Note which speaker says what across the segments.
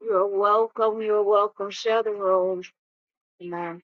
Speaker 1: You're welcome. You're welcome. Share the room. Amen.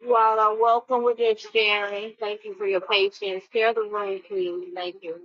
Speaker 1: You all are welcome with your sharing. Thank you for your patience. Share the room, please. Thank you.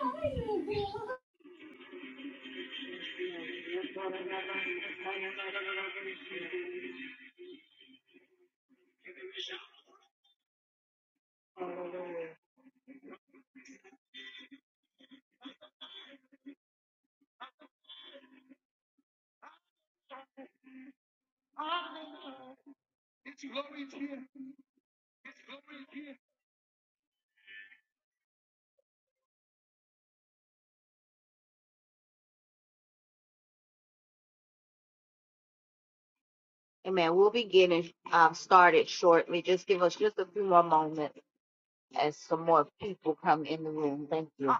Speaker 2: Hi, baby.
Speaker 1: Amen. We'll be getting um, started shortly. Just give us just a few more moments as some more people come in the room. Thank you.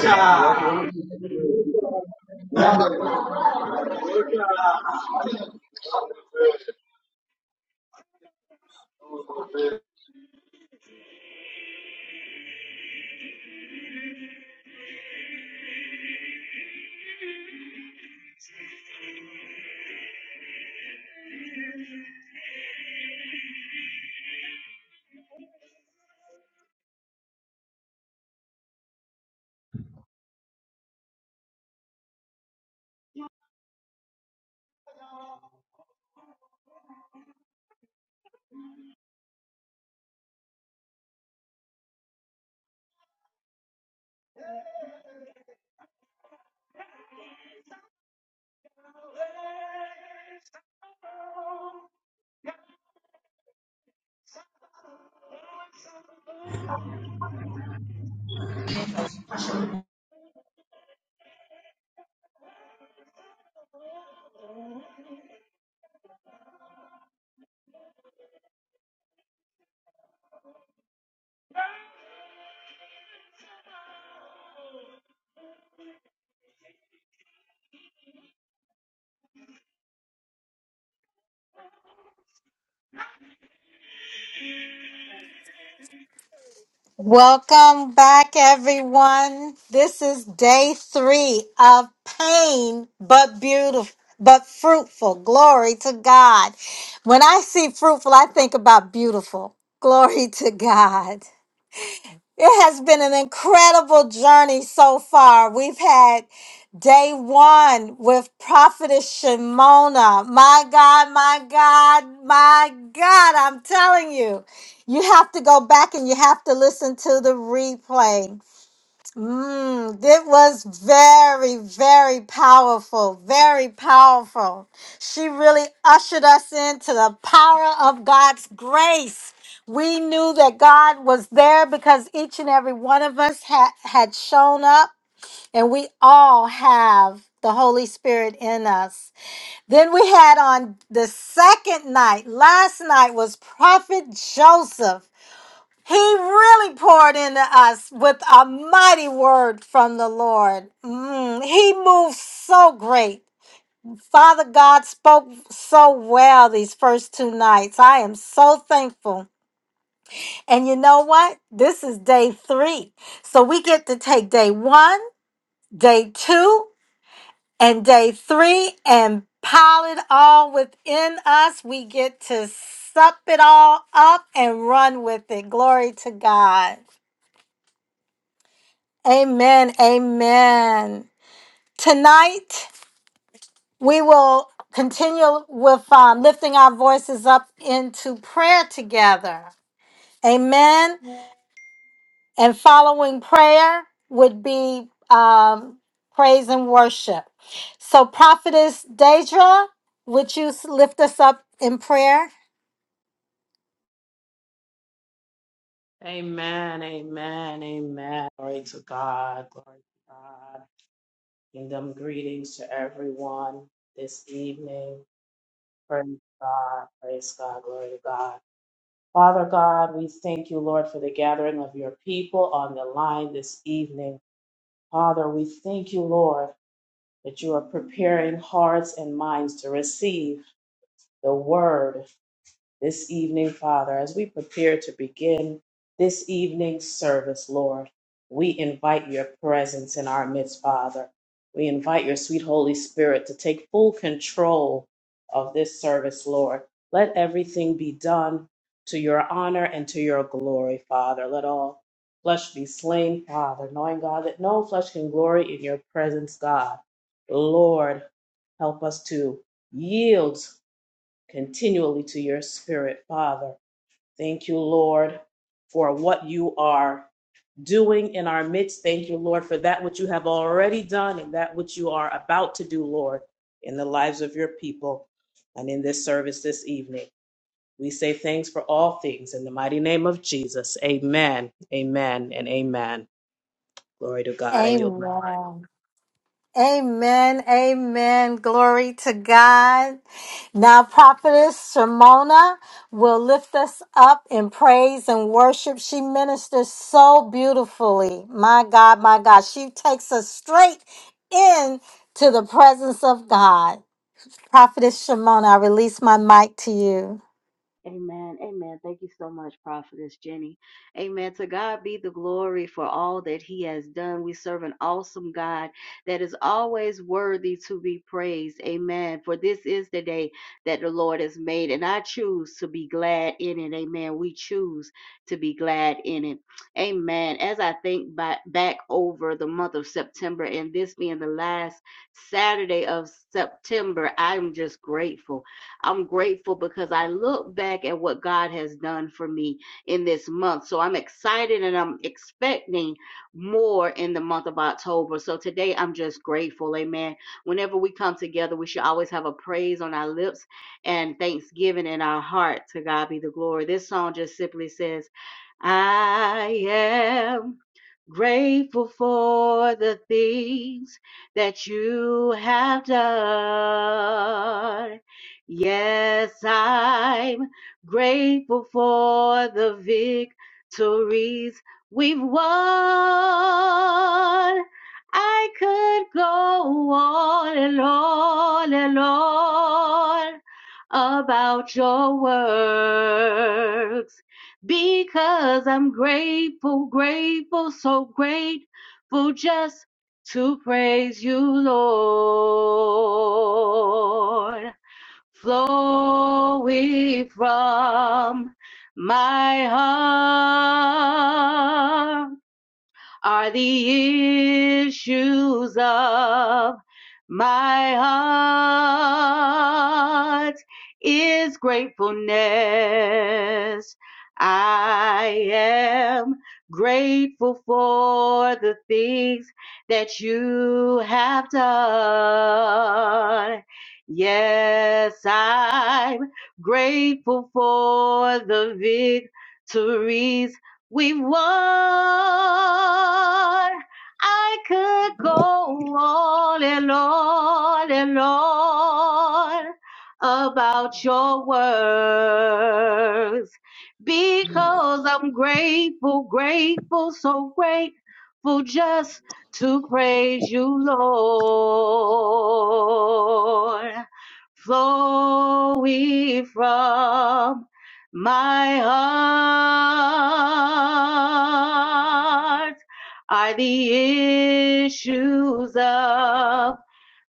Speaker 3: Water
Speaker 4: Welcome back, everyone. This is day three of pain, but beautiful, but fruitful. Glory to God. When I see fruitful, I think about beautiful. Glory to God. It has been an incredible journey so far. We've had day one with Prophetess Shimona. My God, my God, my God, I'm telling you, you have to go back and you have to listen to the replay Mm, it was very, very powerful. Very powerful. She really ushered us into the power of God's grace. We knew that God was there because each and every one of us had, had shown up, and we all have the Holy Spirit in us. Then we had on the second night, last night was Prophet Joseph. He really poured into us with a mighty word from the Lord. Mm, he moved so great. Father God spoke so well these first two nights. I am so thankful. And you know what? This is day three. So we get to take day one, day two, and day three and pile it all within us. We get to sup it all up and run with it. Glory to God. Amen. Amen. Tonight, we will continue with um, lifting our voices up into prayer together. Amen. And following prayer would be um, praise and worship. So, Prophetess Deidre, would you s- lift us up in prayer?
Speaker 5: Amen, amen, amen. Glory to God, glory to God. Kingdom greetings to everyone this evening. Praise God, praise God, glory to God. Father God, we thank you, Lord, for the gathering of your people on the line this evening. Father, we thank you, Lord, that you are preparing hearts and minds to receive the word this evening, Father, as we prepare to begin this evening's service, Lord. We invite your presence in our midst, Father. We invite your sweet Holy Spirit to take full control of this service, Lord. Let everything be done to your honor and to your glory, Father. Let all flesh be slain, Father, knowing, God, that no flesh can glory in your presence, God. Lord, help us to yield continually to your spirit, Father. Thank you, Lord, for what you are doing in our midst. Thank you, Lord, for that which you have already done and that which you are about to do, Lord, in the lives of your people and in this service this evening. We say thanks for all things in the mighty name of Jesus. Amen, amen, and amen. Glory to God. I yield. my
Speaker 4: Amen. Amen. Amen. Glory to God. Now, Prophetess Shimona will lift us up in praise and worship. She ministers so beautifully. My God, my God. She takes us straight in to the presence of God. Prophetess Shimona, I release my mic to you.
Speaker 1: Amen. Amen. Thank you so much, Prophetess Jenny. Amen. To God be the glory for all that He has done. We serve an awesome God that is always worthy to be praised. Amen. For this is the day that the Lord has made, and I choose to be glad in it. Amen. We choose to be glad in it. Amen. As I think ba- back over the month of September and this being the last Saturday of September, I'm just grateful. I'm grateful because I look back at what God has done for me in this month. So I'm excited and I'm expecting more in the month of October. So today I'm just grateful. Amen. Whenever we come together, we should always have a praise on our lips and thanksgiving in our heart. To God be the glory. This song just simply says, I am grateful for the things that you have done. Yes, I'm grateful for the victories we've won. I could go on and on and on about your works because I'm grateful, grateful, so grateful just to praise you, Lord flowing from my heart are the issues of my heart is gratefulness. I am grateful for the things that you have done. Yes, I'm grateful for the victories We've won. I could go on and on and on about your words because I'm grateful, grateful, so grateful just to praise you, Lord. Flowing from my heart are the issues of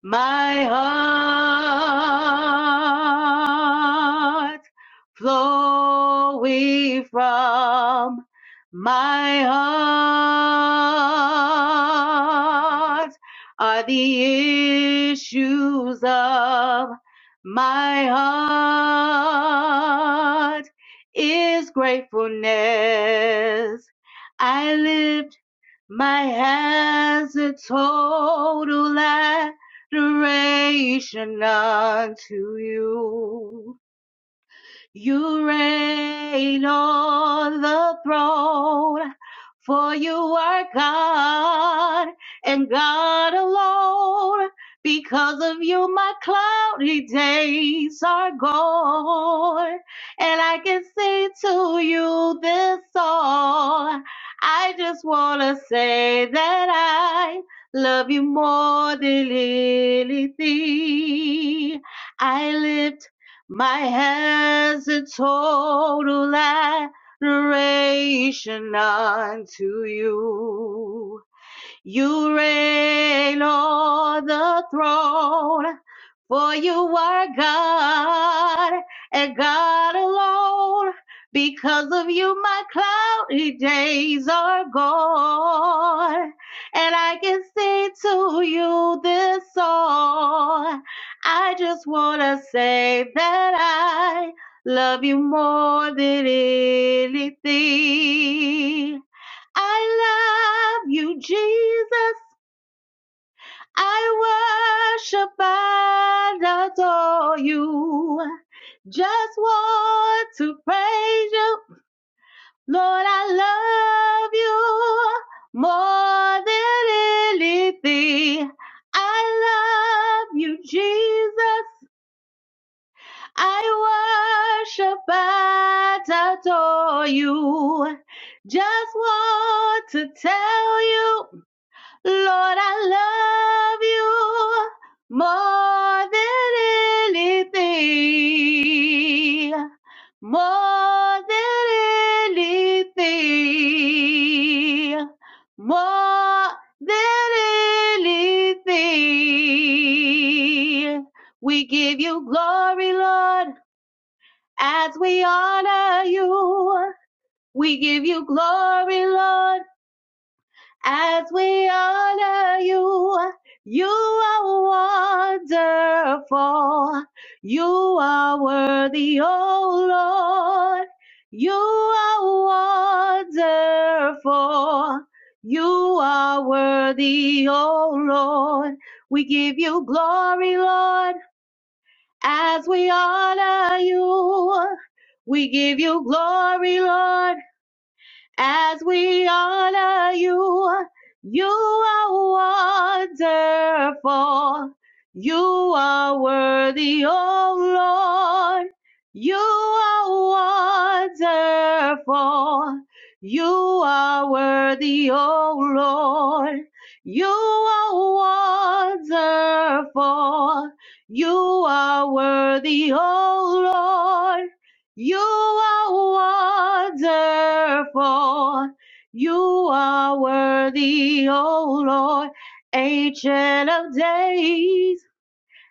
Speaker 1: my heart flowing from my heart are the issues of my heart is gratefulness. I lift my hands in total adoration unto you. You reign on the throne, for you are God and God alone. Because of you, my cloudy days are gone. And I can sing to you this song. I just want to say that I love you more than anything. I lift my hands in total adoration unto you. You reign on the throne, for you are God and God alone. Because of you, my cloudy days are gone. And I can sing to you this song. I just want to say that I love you more than anything. I love you, Jesus. I worship and adore you. Just want to praise you. Lord, I love you more than anything. I love you, Jesus. I worship and adore you. Just want to tell you. Lord, I love you more than anything, more than anything, more than anything. We give you glory, Lord, as we honor you. We give you glory, Lord as we honor you. You are wonderful. You are worthy, oh Lord. You are wonderful. You are worthy, oh Lord. We give you glory, Lord, as we honor you. We give you glory, Lord as we honor you. You are wonderful. You are worthy, oh Lord. You are wonderful. You are worthy, oh Lord. You are wonderful. You are worthy, oh Lord. You are wonderful. You are worthy, O Lord, ancient of days.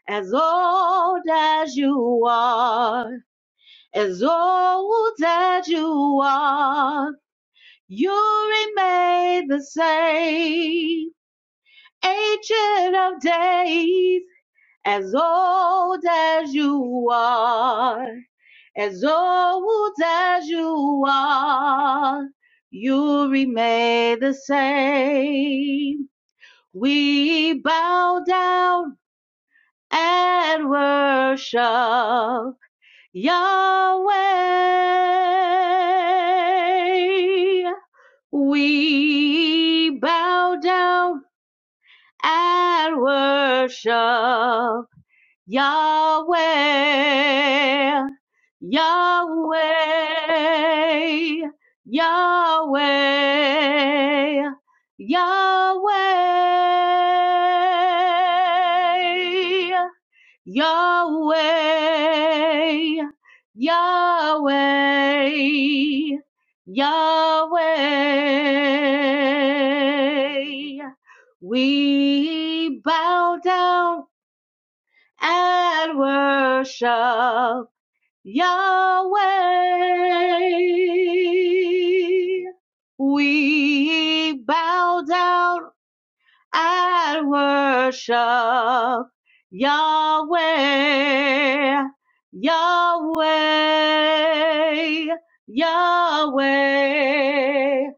Speaker 1: As old as you are, as old as you are, you remain the same. Ancient of days, as old as you are. as old as you are, you remain the same. We bow down and worship Yahweh. We bow down and worship Yahweh. Yahweh, Yahweh, Yahweh, Yahweh, Yahweh, Yahweh. We bow down and worship. Yahweh, we bow down and worship Yahweh, Yahweh, Yahweh.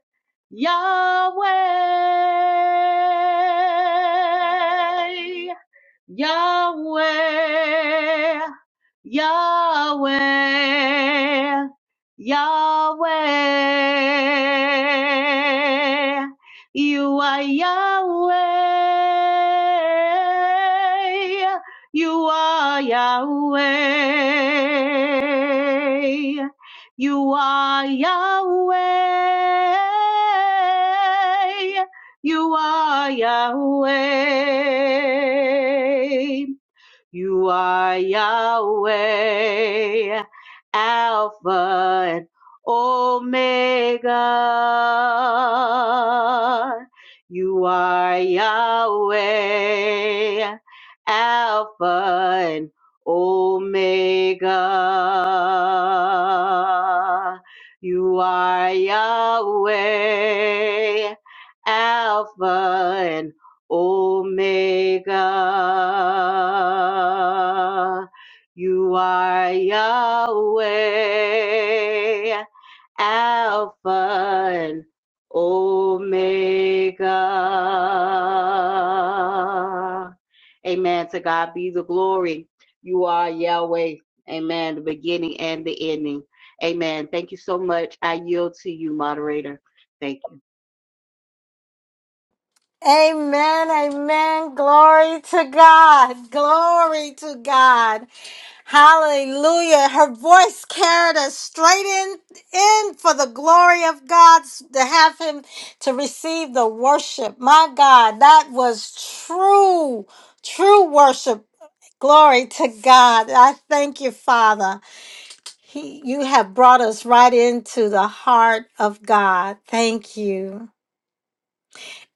Speaker 1: Yahweh, Yahweh, Yahweh, Yahweh. You are Yahweh. You are Yahweh. You are Yahweh. You are Yahweh. You are Yahweh, Alpha and Omega. You are Yahweh, Alpha and Omega. You are Yahweh, Alpha and Omega. You are Yahweh, Alpha and Omega. Amen. To God be the glory. You are Yahweh. Amen. The beginning and the ending. Amen. Thank you so much. I yield to you, moderator. Thank you.
Speaker 4: Amen. Amen. Glory to God. Glory to God. Hallelujah. Her voice carried us straight in, in for the glory of God to have him to receive the worship. My God, that was true, true worship. Glory to God. I thank you, Father. He, you have brought us right into the heart of God. Thank you.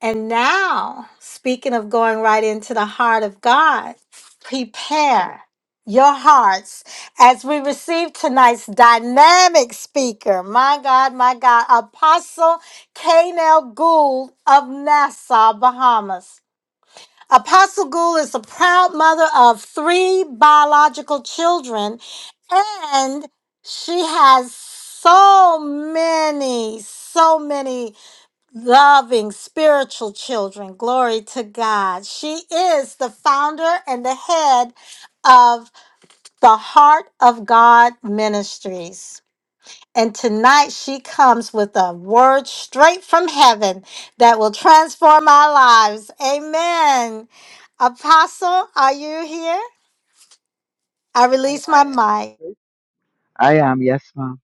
Speaker 4: And now, speaking of going right into the heart of God, prepare your hearts as we receive tonight's dynamic speaker. My God, my God, Apostle Kanel Gould of Nassau, Bahamas. Apostle Gould is the proud mother of three biological children, and she has so many, so many loving spiritual children. Glory to God. She is the founder and the head of the Heart of God Ministries. And tonight she comes with a word straight from heaven that will transform our lives. Amen. Apostle, are you here? I
Speaker 6: I am
Speaker 4: release my mic.
Speaker 6: I am. Yes, ma'am.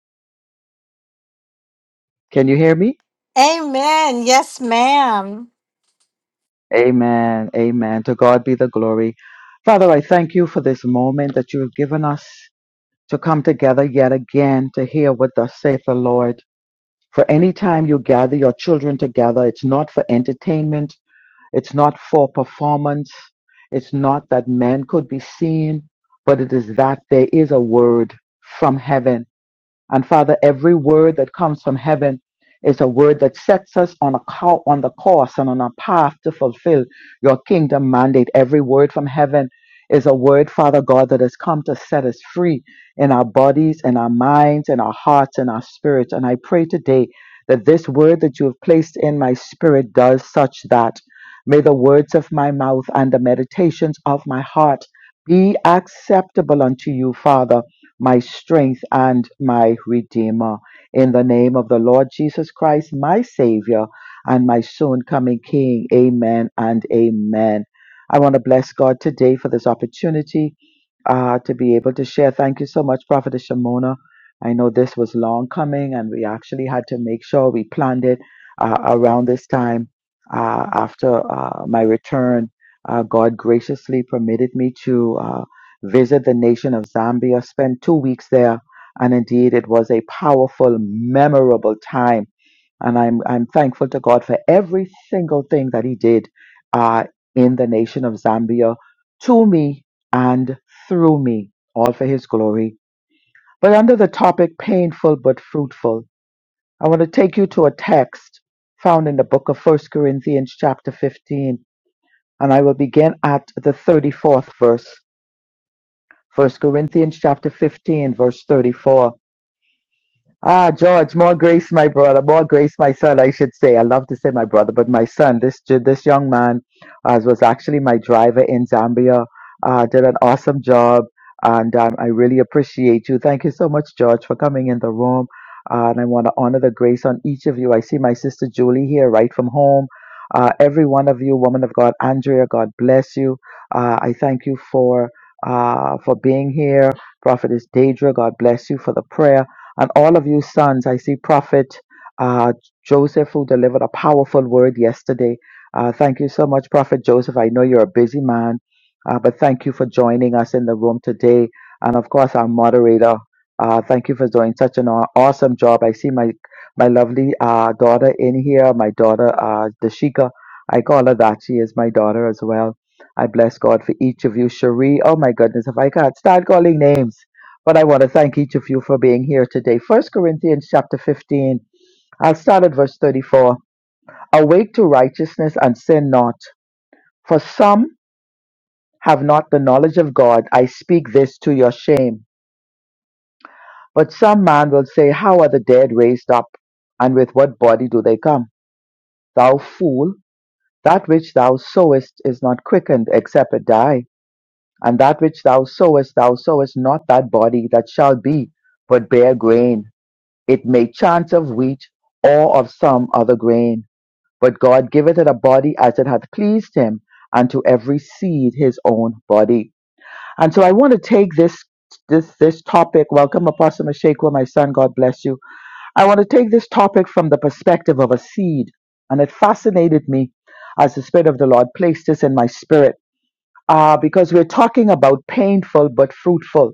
Speaker 6: Can you hear me?
Speaker 4: Amen. Yes, ma'am.
Speaker 6: Amen. Amen. To God be the glory. Father, I thank you for this moment that you have given us to come together yet again to hear what thus saith the Lord. For any time you gather your children together, it's not for entertainment. It's not for performance. It's not that men could be seen, but it is that there is a word from heaven And Father, every word that comes from heaven is a word that sets us on a co- on the course and on a path to fulfill your kingdom mandate. Every word from heaven is a word, Father God, that has come to set us free in our bodies, in our minds, in our hearts, in our spirits. And I pray today that this word that you have placed in my spirit does such that. May the words of my mouth and the meditations of my heart be acceptable unto you, Father my strength and my redeemer. In the name of the Lord Jesus Christ, my Savior and my soon coming King. Amen and amen. I want to bless God today for this opportunity uh, to be able to share. Thank you so much, Prophetess Shimona. I know this was long coming, and we actually had to make sure we planned it uh, around this time uh, after uh, my return. Uh, God graciously permitted me to. uh, visit the nation of Zambia, spent two weeks there, and indeed it was a powerful, memorable time. And I'm I'm thankful to God for every single thing that He did uh, in the nation of Zambia to me and through me, all for His glory. But under the topic painful but fruitful, I want to take you to a text found in the book of First Corinthians chapter 15, and I will begin at the 34th verse. First Corinthians chapter fifteen verse thirty-four Ah, George, more grace, my brother, more grace, my son, I should say. I love to say my brother, but my son, this ju- this young man, uh, was actually my driver in Zambia. Uh, did an awesome job, and um, I really appreciate you. Thank you so much, George, for coming in the room. Uh, and I want to honor the grace on each of you. I see my sister Julie here, right from home. Uh, every one of you, woman of God, Andrea, God bless you. Uh, I thank you for uh, for being here. Prophetess Daedra, God bless you for the prayer and all of you sons. I see Prophet uh, Joseph, who delivered a powerful word yesterday. Uh, thank you so much, Prophet Joseph. I know you're a busy man, uh, but thank you for joining us in the room today. And of course, our moderator. Uh, thank you for doing such an aw- awesome job. I see my my lovely uh, daughter in here, my daughter uh, Dashika. I call her that. She is my daughter as well. I bless God for each of you. Cherie, oh my goodness, if I can't start calling names. But I want to thank each of you for being here today. First Corinthians chapter 15. I'll start at verse 34. Awake to righteousness and sin not. For some have not the knowledge of God. I speak this to your shame. But some man will say, How are the dead raised up? And with what body do they come? Thou fool, that which thou sowest is not quickened except it die. And that which thou sowest, thou sowest not that body that shall be, but bare grain. it may chance of wheat or of some other grain. But God giveth it a body as it hath pleased him, and to every seed his own body. And so I want to take this this this topic. Welcome, Apostle Meshekwa, my son. God bless you. I want to take this topic from the perspective of a seed, and it fascinated me as the Spirit of the Lord placed this in my spirit. Uh, because we're talking about painful but fruitful.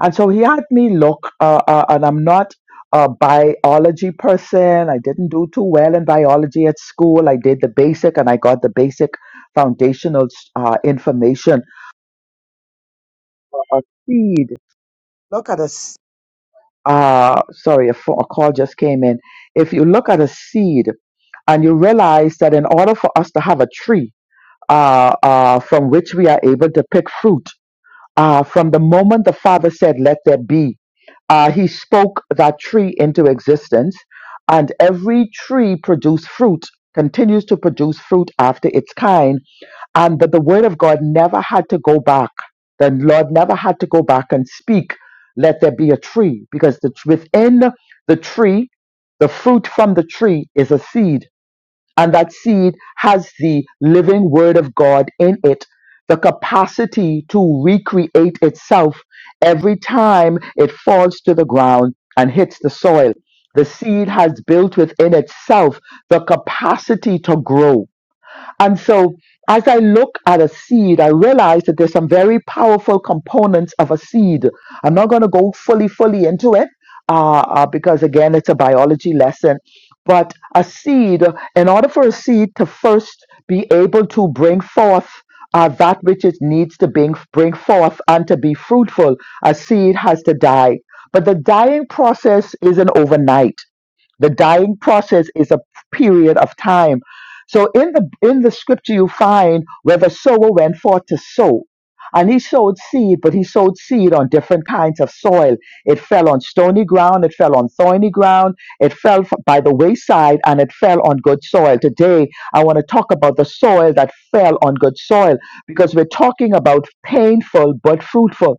Speaker 6: And so he had me look, uh, uh, and I'm not a biology person. I didn't do too well in biology at school. I did the basic and I got the basic foundational uh, information. A seed, uh, sorry, a, pho- a call just came in. If you look at a seed and you realize that in order for us to have a tree uh, uh, from which we are able to pick fruit, Uh, from the moment the Father said, Let there be, uh, he spoke that tree into existence, and every tree produced fruit, continues to produce fruit after its kind, and that the word of God never had to go back. The Lord never had to go back and speak, let there be a tree, because the, within the tree, the fruit from the tree is a seed and that seed has the living word of God in it, the capacity to recreate itself every time it falls to the ground and hits the soil. The seed has built within itself the capacity to grow and so as I look at a seed, I realize that there's some very powerful components of a seed. I'm not going to go fully, fully into it uh, uh, because, again, it's a biology lesson. But a seed, in order for a seed to first be able to bring forth uh, that which it needs to bring, bring forth and to be fruitful, a seed has to die. But the dying process isn't overnight the dying process is a period of time so in the in the scripture you find where the sower went forth to sow and he sowed seed but he sowed seed on different kinds of soil it fell on stony ground it fell on thorny ground it fell f- by the wayside and it fell on good soil today i want to talk about the soil that fell on good soil because we're talking about painful but fruitful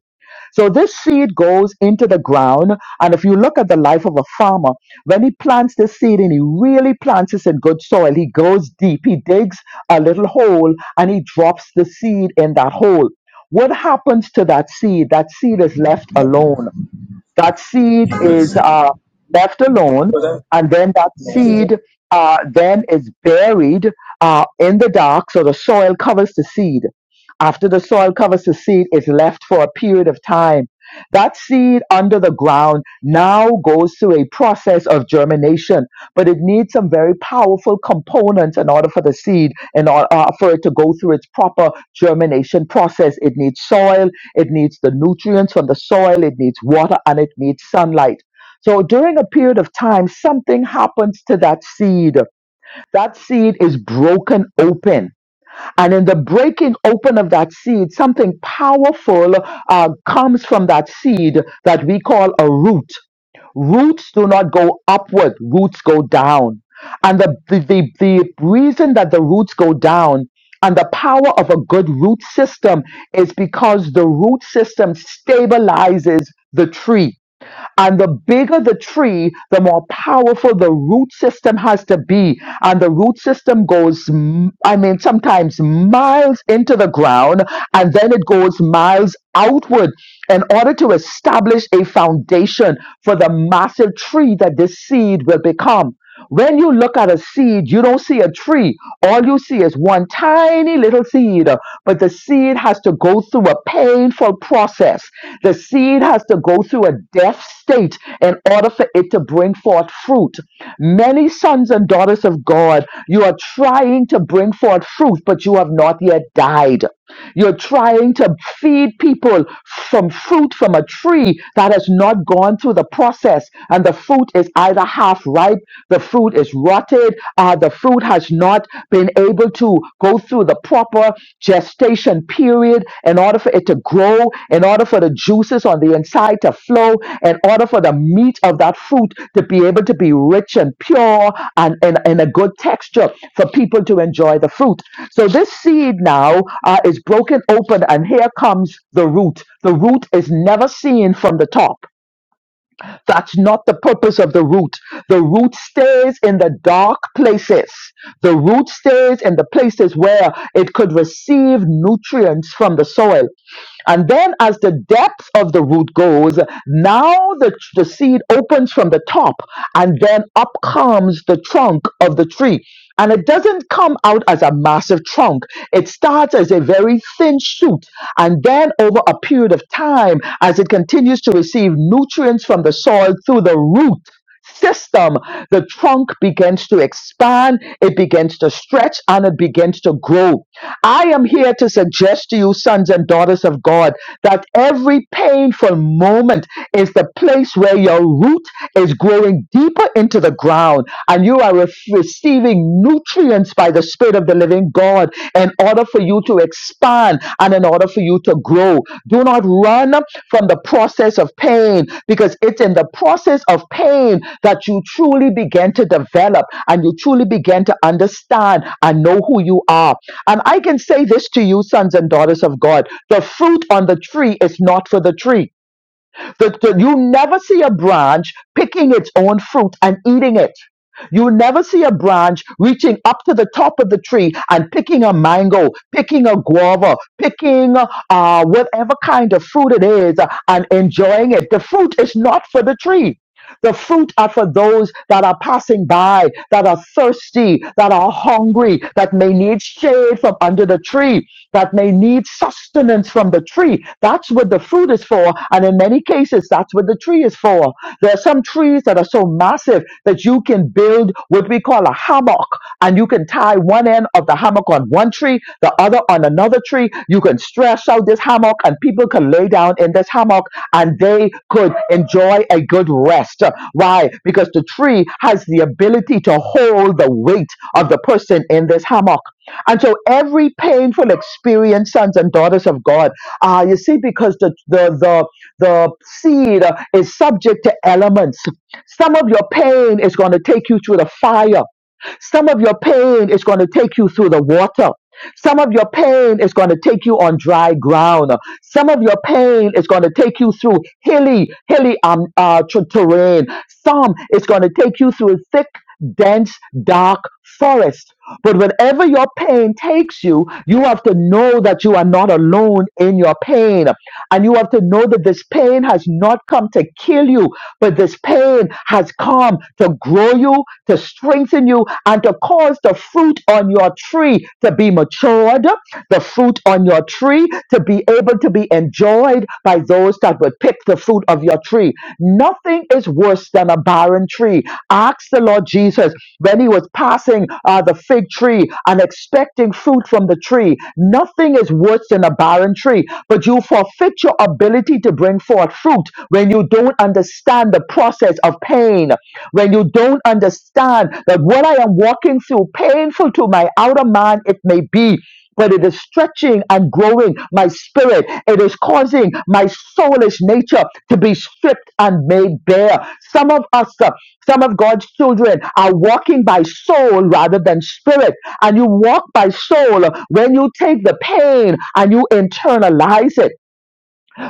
Speaker 6: so this seed goes into the ground. And if you look at the life of a farmer, when he plants this seed and he really plants this in good soil, he goes deep, he digs a little hole and he drops the seed in that hole. What happens to that seed? That seed is left alone. That seed is uh, left alone,
Speaker 7: Thank
Speaker 6: and then that seed uh, then is buried uh, in the dark, so the soil covers the seed. After the soil covers the seed, it's left for a period of time. That seed under the ground now goes through a process of germination, but it needs some very powerful components in order for the seed, in order uh, for it to go through its proper germination process. It needs soil, it needs the nutrients from the soil, it needs water, and it needs sunlight. So during a period of time, something happens to that seed. That seed is broken open. And in the breaking open of that seed, something powerful uh, comes from that seed that we call a root. Roots do not go upward, roots go down. And the, the, the, the reason that the roots go down and the power of a good root system is because the root system stabilizes the tree and the bigger the tree, the more powerful the root system has to be. And the root system goes, m- I mean, sometimes miles into the ground and then it goes miles outward in order to establish a foundation for the massive tree that this seed will become. When you look at a seed, you don't see a tree. All you see is one tiny little seed. But the seed has to go through a painful process. The seed has to go through a death state in order for it to bring forth fruit. Many sons and daughters of God, you are trying to bring forth fruit, but you have not yet died. You're trying to feed people from fruit from a tree that has not gone through the process. And the fruit is either half ripe, the fruit is rotted, uh, the fruit has not been able to go through the proper gestation period in order for it to grow, in order for the juices on the inside to flow, in order for the meat of that fruit to be able to be rich and pure and in, in a good texture for people to enjoy the fruit. So this seed now uh, is broken open, and here comes the root. The root is never seen from the top. That's not the purpose of the root. The root stays in the dark places. The root stays in the places where it could receive nutrients from the soil. And then, as the depth of the root goes, now the, the seed opens from the top, and then up comes the trunk of the tree. And it doesn't come out as a massive trunk. It starts as a very thin shoot. And then, over a period of time, as it continues to receive nutrients from the soil through the root, system, the trunk begins to expand, it begins to stretch, and it begins to grow. I am here to suggest to you, sons and daughters of God, that every painful moment is the place where your root is growing deeper into the ground and you are ref- receiving nutrients by the Spirit of the living God in order for you to expand and in order for you to grow. Do not run from the process of pain because it's in the process of pain that you truly begin to develop and you truly begin to understand and know who you are. And I can say this to you, sons and daughters of God the fruit on the tree is not for the tree the, the- you never see a branch picking its own fruit and eating it. You never see a branch reaching up to the top of the tree and picking a mango, picking a guava, picking uh, whatever kind of fruit it is uh, and enjoying it. The fruit is not for the tree the fruit are for those that are passing by, that are thirsty, that are hungry, that may need shade from under the tree, that may need sustenance from the tree. That's what the fruit is for. And in many cases, that's what the tree is for. There are some trees that are so massive that you can build what we call a hammock and you can tie one end of the hammock on one tree, the other on another tree. You can stretch out this hammock and people can lay down in this hammock and they could enjoy a good rest. Why? Because the tree has the ability to hold the weight of the person in this hammock. And so every painful experience, sons and daughters of God, uh, you see, because the, the, the, the seed is subject to elements. Some of your pain is going to take you through the fire. Some of your pain is going to take you through the water. Some of your pain is going to take you on dry ground. Some of your pain is going to take you through hilly, hilly um, uh, t- terrain. Some is going to take you through a thick, dense, dark forest. But whenever your pain takes you, you have to know that you are not alone in your pain. And you have to know that this pain has not come to kill you. But this pain has come to grow you, to strengthen you, and to cause the fruit on your tree to be matured, the fruit on your tree to be able to be enjoyed by those that would pick the fruit of your tree. Nothing is worse than a barren tree. Ask the Lord Jesus when he was passing uh, the fig tree and expecting fruit from the tree. Nothing is worse than a barren tree, but you forfeit your ability to bring forth forth fruit when you don't understand the process of pain, when you don't understand that what I am walking through, painful to my outer man it may be, but it is stretching and growing my spirit. It is causing my soulish nature to be stripped and made bare. Some of us, uh, some of God's children are walking by soul rather than spirit. And you walk by soul when you take the pain and you internalize it.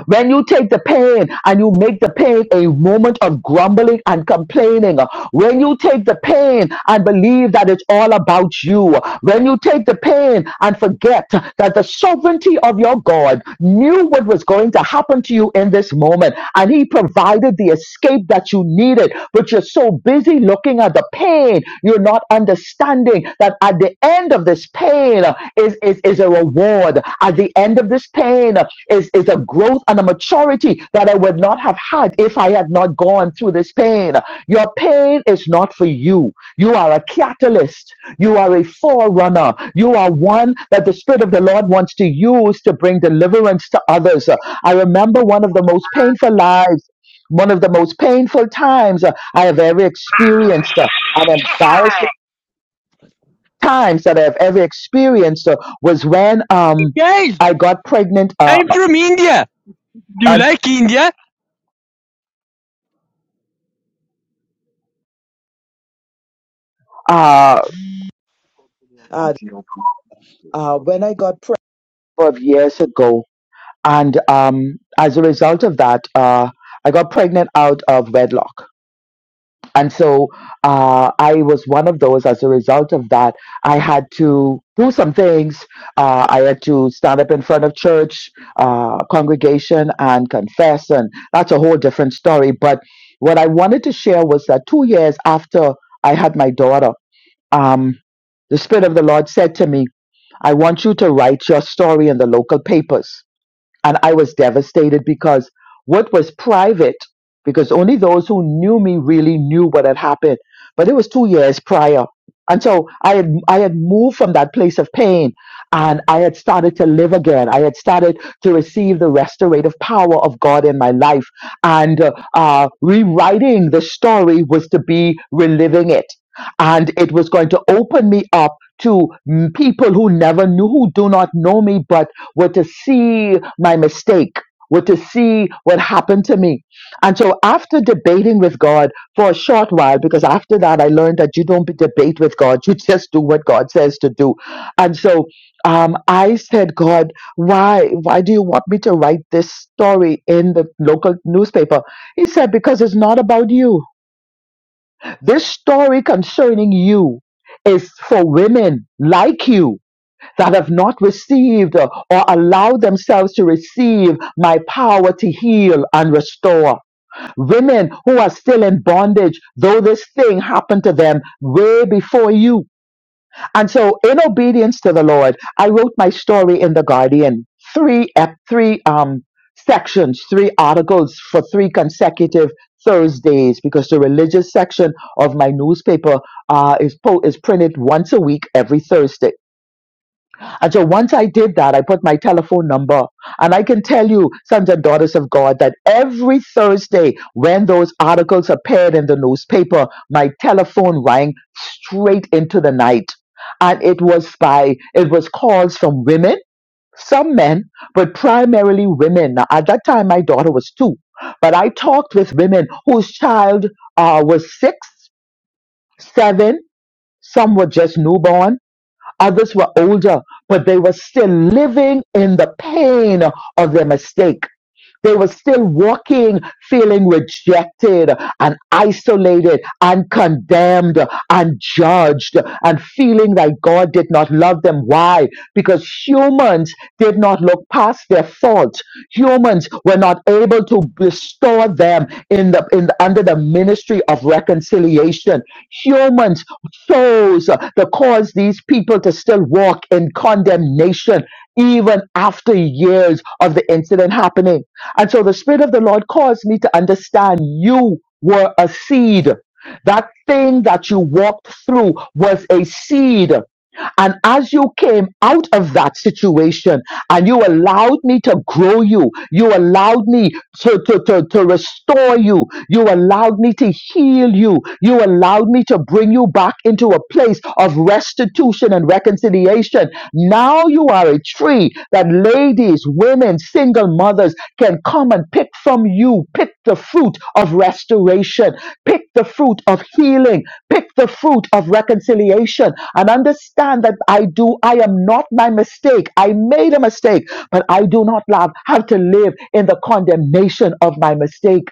Speaker 6: When you take the pain and you make the pain a moment of grumbling and complaining, when you take the pain and believe that it's all about you, when you take the pain and forget that the sovereignty of your God knew what was going to happen to you in this moment, and He provided provided the escape that you needed, but you're so busy looking at the pain, you're not understanding that at the end of this pain uh, is, is, is a reward. At the end of this pain uh, is, is a growth and a maturity that I would not have had if I had not gone through this pain. Your pain is not for you. You are a catalyst. You are a forerunner. You are one that the Spirit of the Lord wants to use to bring deliverance to others. I remember one of the most painful lives one of the most painful times uh, I have ever experienced, uh, an embarrassing times that I have ever experienced uh, was when um
Speaker 8: Guys,
Speaker 6: I got pregnant uh,
Speaker 8: I'm from India. Do you
Speaker 6: and,
Speaker 8: like India?
Speaker 6: uh,
Speaker 9: Studio
Speaker 6: uh,
Speaker 9: Continental Productions
Speaker 6: uh
Speaker 9: Ltd.
Speaker 6: when I got pregnant of years ago, and um as a result of that, uh I got pregnant out of wedlock And so uh, I was one of those. As a result of that, I had to do some things. Uh, I had to stand up in front of church, uh, congregation, and confess. And that's a whole different story. But what I wanted to share was that two years after I had my daughter, um, the Spirit of the Lord said to me, I want you to write your story in the local papers. And I was devastated because what was private, because only those who knew me really knew what had happened. But it was two years prior. And so I had, I had moved from that place of pain and I had started to live again. I had started to receive the restorative power of God in my life. And uh, uh, rewriting the story was to be reliving it. And it was going to open me up to mm, people who never knew, who do not know me, but were to see my mistake, were to see what happened to me. And so after debating with God for a short while, because after that I learned that you don't debate with God, you just do what God says to do. And so um, I said, God, why, why do you want me to write this story in the local newspaper? He said, because it's not about you. This story concerning you is for women like you that have not received uh, or allowed themselves to receive my power to heal and restore. Women who are still in bondage, though this thing happened to them way before you. And so, in obedience to the Lord, I wrote my story in The Guardian. Three, ep- three um, sections, three articles for three consecutive Thursdays, because the religious section of my newspaper uh, is, po- is printed once a week every Thursday. And so once I did that, I put my telephone number. And I can tell you, sons and daughters of God, that every Thursday when those articles appeared in the newspaper, my telephone rang straight into the night. And it was by, it was calls from women, some men, but primarily women. Now, at that time, my daughter was two, but I talked with women whose child uh, was six, seven, some were just newborn Others were older, but they were still living in the pain of their mistake. They were still walking, feeling rejected and isolated and condemned and judged and feeling that God did not love them. Why? Because humans did not look past their fault. Humans were not able to restore them in the, in the under the ministry of reconciliation. Humans chose to cause these people to still walk in condemnation even after years of the incident happening. And so the Spirit of the Lord caused me to understand you were a seed. That thing that you walked through was a seed. And as you came out of that situation, and you allowed me to grow you. You allowed me to, to, to, to restore you. You allowed me to heal you. You allowed me to bring you back into a place of restitution and reconciliation. Now you are a tree that ladies, women, single mothers can come and pick from you, pick the fruit of restoration, pick the fruit of healing, pick the fruit of reconciliation, and understand that I do, I am not my mistake. I made a mistake, but I do not love, have to live in the condemnation of my mistake.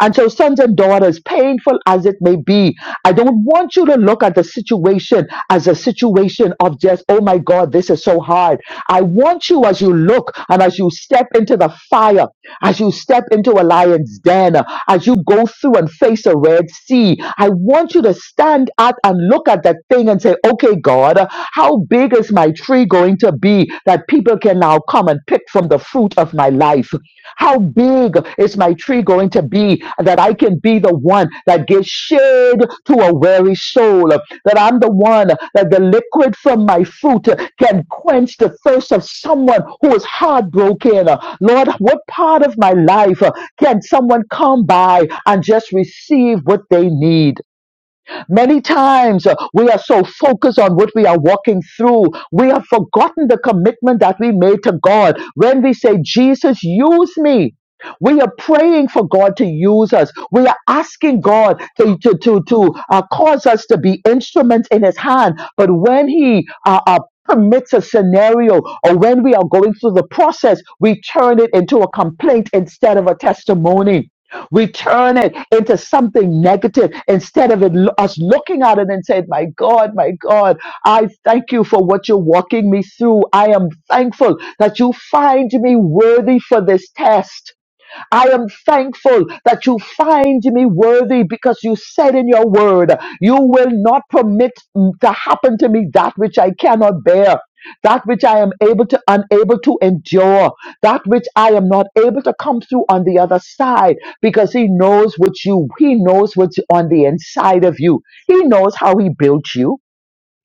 Speaker 6: And so, sons and daughters, painful as it may be, I don't want you to look at the situation as a situation of just, oh my God, this is so hard. I want you as you look and as you step into the fire, as you step into a lion's den, as you go through and face a red sea, I want you to stand out and look at that thing and say, okay, God, how big is my tree going to be? be that people can now come and pick from the fruit of my life. How big is my tree going to be that I can be the one that gives shade to a weary soul? That I'm the one that the liquid from my fruit can quench the thirst of someone who is heartbroken. Lord, what part of my life can someone come by and just receive what they need? Many times uh, we are so focused on what we are walking through. We have forgotten the commitment that we made to God when we say, Jesus, use me. We are praying for God to use us. We are asking God to, to, to, to uh, cause us to be instruments in His hand. But when He uh, uh, permits a scenario or when we are going through the process, we turn it into a complaint instead of a testimony. We turn it into something negative instead of it, us looking at it and saying, My God, my God, I thank you for what you're walking me through. I am thankful that you find me worthy for this test. I am thankful that you find me worthy because you said in your word, you will not permit to happen to me that which I cannot bear. That which I am able to unable to endure, that which I am not able to come through on the other side, because he knows what you he knows what's on the inside of you. He knows how he built you.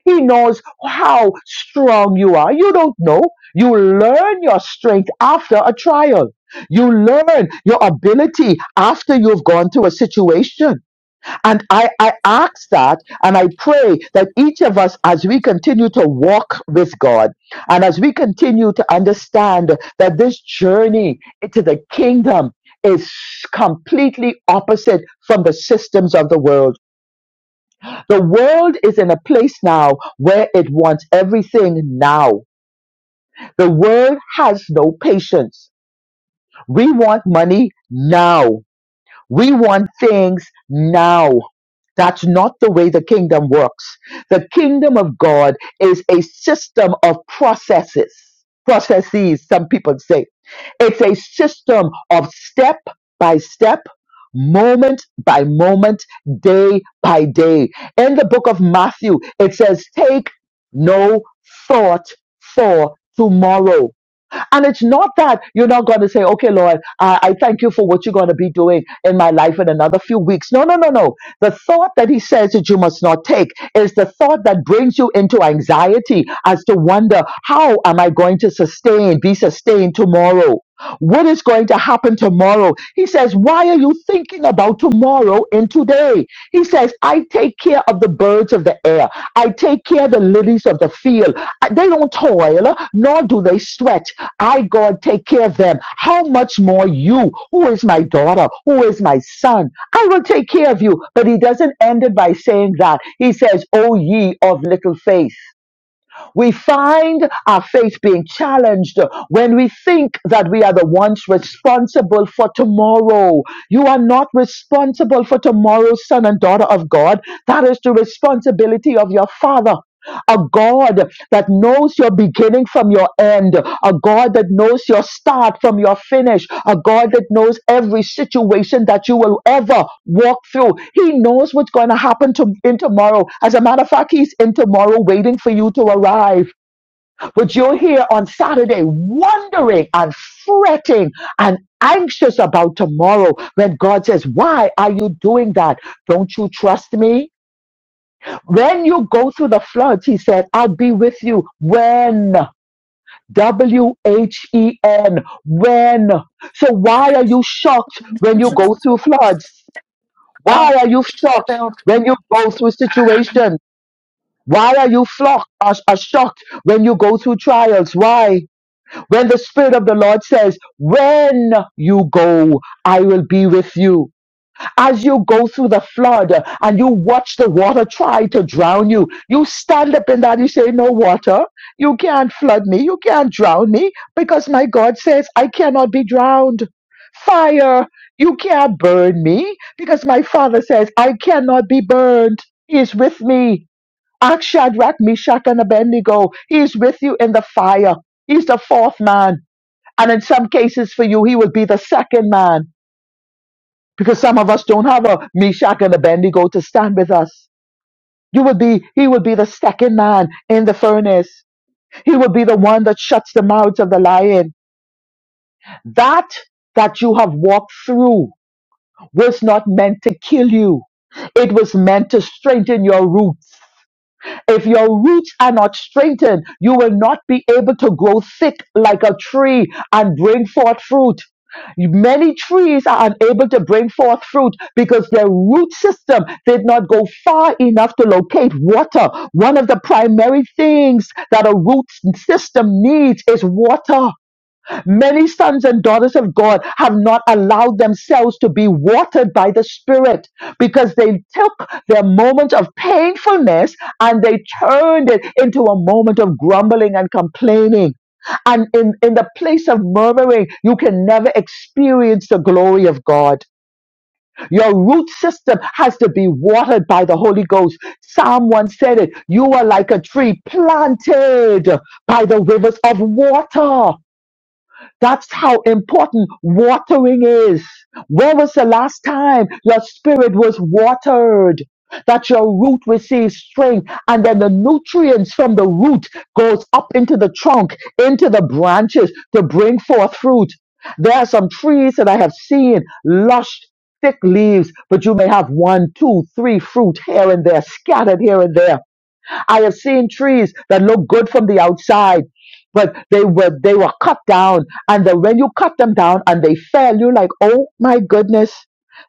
Speaker 6: He knows how strong you are. You don't know. You learn your strength after a trial. You learn your ability after you've gone through a situation. And I, I ask that and I pray that each of us, as we continue to walk with God and as we continue to understand that this journey into the kingdom is completely opposite from the systems of the world the world is in a place now where it wants everything now. The world has no patience. We want money now. We want things now. That's not the way the kingdom works. The kingdom of God is a system of processes, processes, some people say. It's a system of step by step, moment by moment, day by day. In the book of Matthew, it says, Take no thought for tomorrow and it's not that you're not going to say, okay, Lord, I, I thank you for what you're going to be doing in my life in another few weeks. No, no, no, no. The thought that he says that you must not take is the thought that brings you into anxiety as to wonder, how am I going to sustain, be sustained tomorrow? what is going to happen tomorrow. He says, Why are you thinking about tomorrow and today? He says, I take care of the birds of the air, I take care of the lilies of the field. I- They don't toil, nor do they sweat. I, God, take care of them. How much more you, who is my daughter, who is my son? I will take care of you. But he doesn't end it by saying that. He says, O ye of little faith. We find our faith being challenged when we think that we are the ones responsible for tomorrow. You are not responsible for tomorrow, son and daughter of God. That is the responsibility of your father a God that knows your beginning from your end, a God that knows your start from your finish, a God that knows every situation that you will ever walk through. He knows what's going to happen to in tomorrow. As a matter of fact, He's in tomorrow waiting for you to arrive. But you're here on Saturday wondering and fretting and anxious about tomorrow when God says, Why are you doing that? Don't you trust me? When you go through the floods, he said, I'll be with you when. W H E N. When. So why are you shocked when you go through floods?
Speaker 10: Oh,
Speaker 6: Why are you
Speaker 10: there
Speaker 6: shocked
Speaker 10: they
Speaker 6: when you go through situations? Why are you flock, are, are shocked when you go through trials? Why? When the Spirit of the Lord says, When you go, I will be with you. As you go through the flood uh, and you watch the water try to drown you, you stand up in that, you say, No water, you can't flood me, you can't drown me, because my God says, I cannot be drowned. Fire, you can't burn me, because my Father says, I cannot be burned. He is with me. Ask Shadrach, Meshach, and Abednego. He is with you in the fire. He's the fourth man. And in some cases for you, he will be the second man because some of us don't have a Meshach and Abednego to stand with us. You would be, he would be the second man in the furnace. He would be the one that shuts the mouths of the lion. That that you have walked through was not meant to kill you. It was meant to strengthen your roots. If your roots are not straightened, you will not be able to grow thick like a tree and bring forth fruit. Many trees are unable to bring forth fruit because their root system did not go far enough to locate water. One of the primary things that a root system needs is water Many sons and daughters of God have not allowed themselves to be watered by the Spirit because they took their moment of painfulness and they turned it into a moment of grumbling and complaining. And in, in the place of murmuring, you can never experience the glory of God. Your root system has to be watered by the Holy Ghost. Someone said it. You are like a tree planted by the rivers of water. That's how important watering is. When was the last time your spirit was watered? That your root receives strength and then the nutrients from the root goes up into the trunk, into the branches to bring forth fruit. There are some trees that I have seen lush, thick leaves, but you may have one, two, three fruit here and there, scattered here and there I have seen trees that look good from the outside, but they were they were cut down, and then when you cut them down and they fell, you're like, oh my goodness.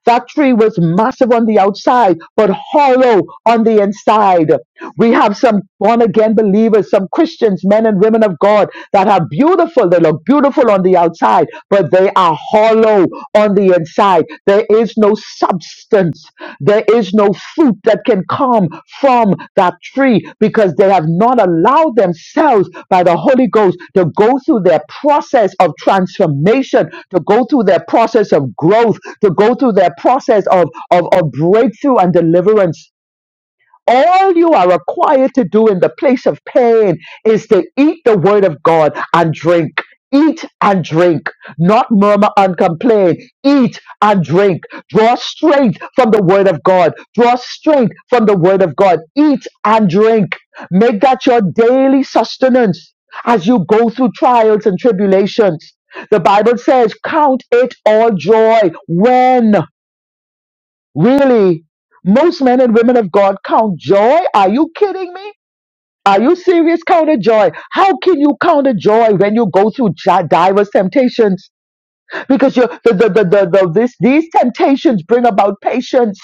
Speaker 6: That tree was massive on the outside, but hollow on the inside. We have some born again believers, some Christians, men and women of God that are beautiful. They look beautiful on the outside, but they are hollow on the inside. There is no substance. There is no fruit that can come from that tree because they have not allowed themselves by the Holy Ghost to go through their process of transformation, to go through their process of growth, to go through their process of, of, of breakthrough and deliverance. All you are required to do in the place of pain is to eat the word of God and drink. Eat and drink, not murmur and complain. Eat and drink. Draw strength from the word of God. Draw strength from the word of God. Eat and drink. Make that your daily sustenance as you go through trials and tribulations. The Bible says, Count it all joy. When? Really? Most men and women of God count joy? Are you kidding me? Are you serious? Count a joy. How can you count a joy when you go through ja- diverse temptations? Because you, the, the, the, the, the, this, these temptations bring about patience.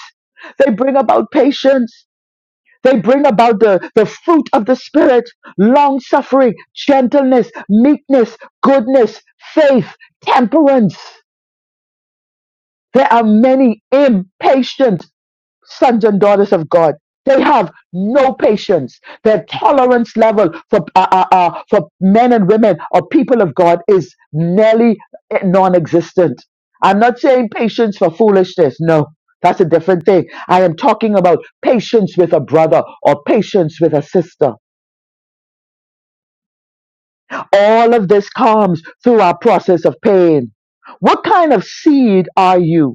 Speaker 6: They bring about patience. They bring about the, the fruit of the Spirit, long suffering, gentleness, meekness, goodness, faith, temperance. There are many impatient. sons and daughters of God. They have no patience. Their tolerance level for uh, uh, uh, for men and women or people of God is nearly non-existent. I'm not saying patience for foolishness. No, that's a different thing. I am talking about patience with a brother or patience with a sister. All of this comes through our process of pain. What kind of seed are you?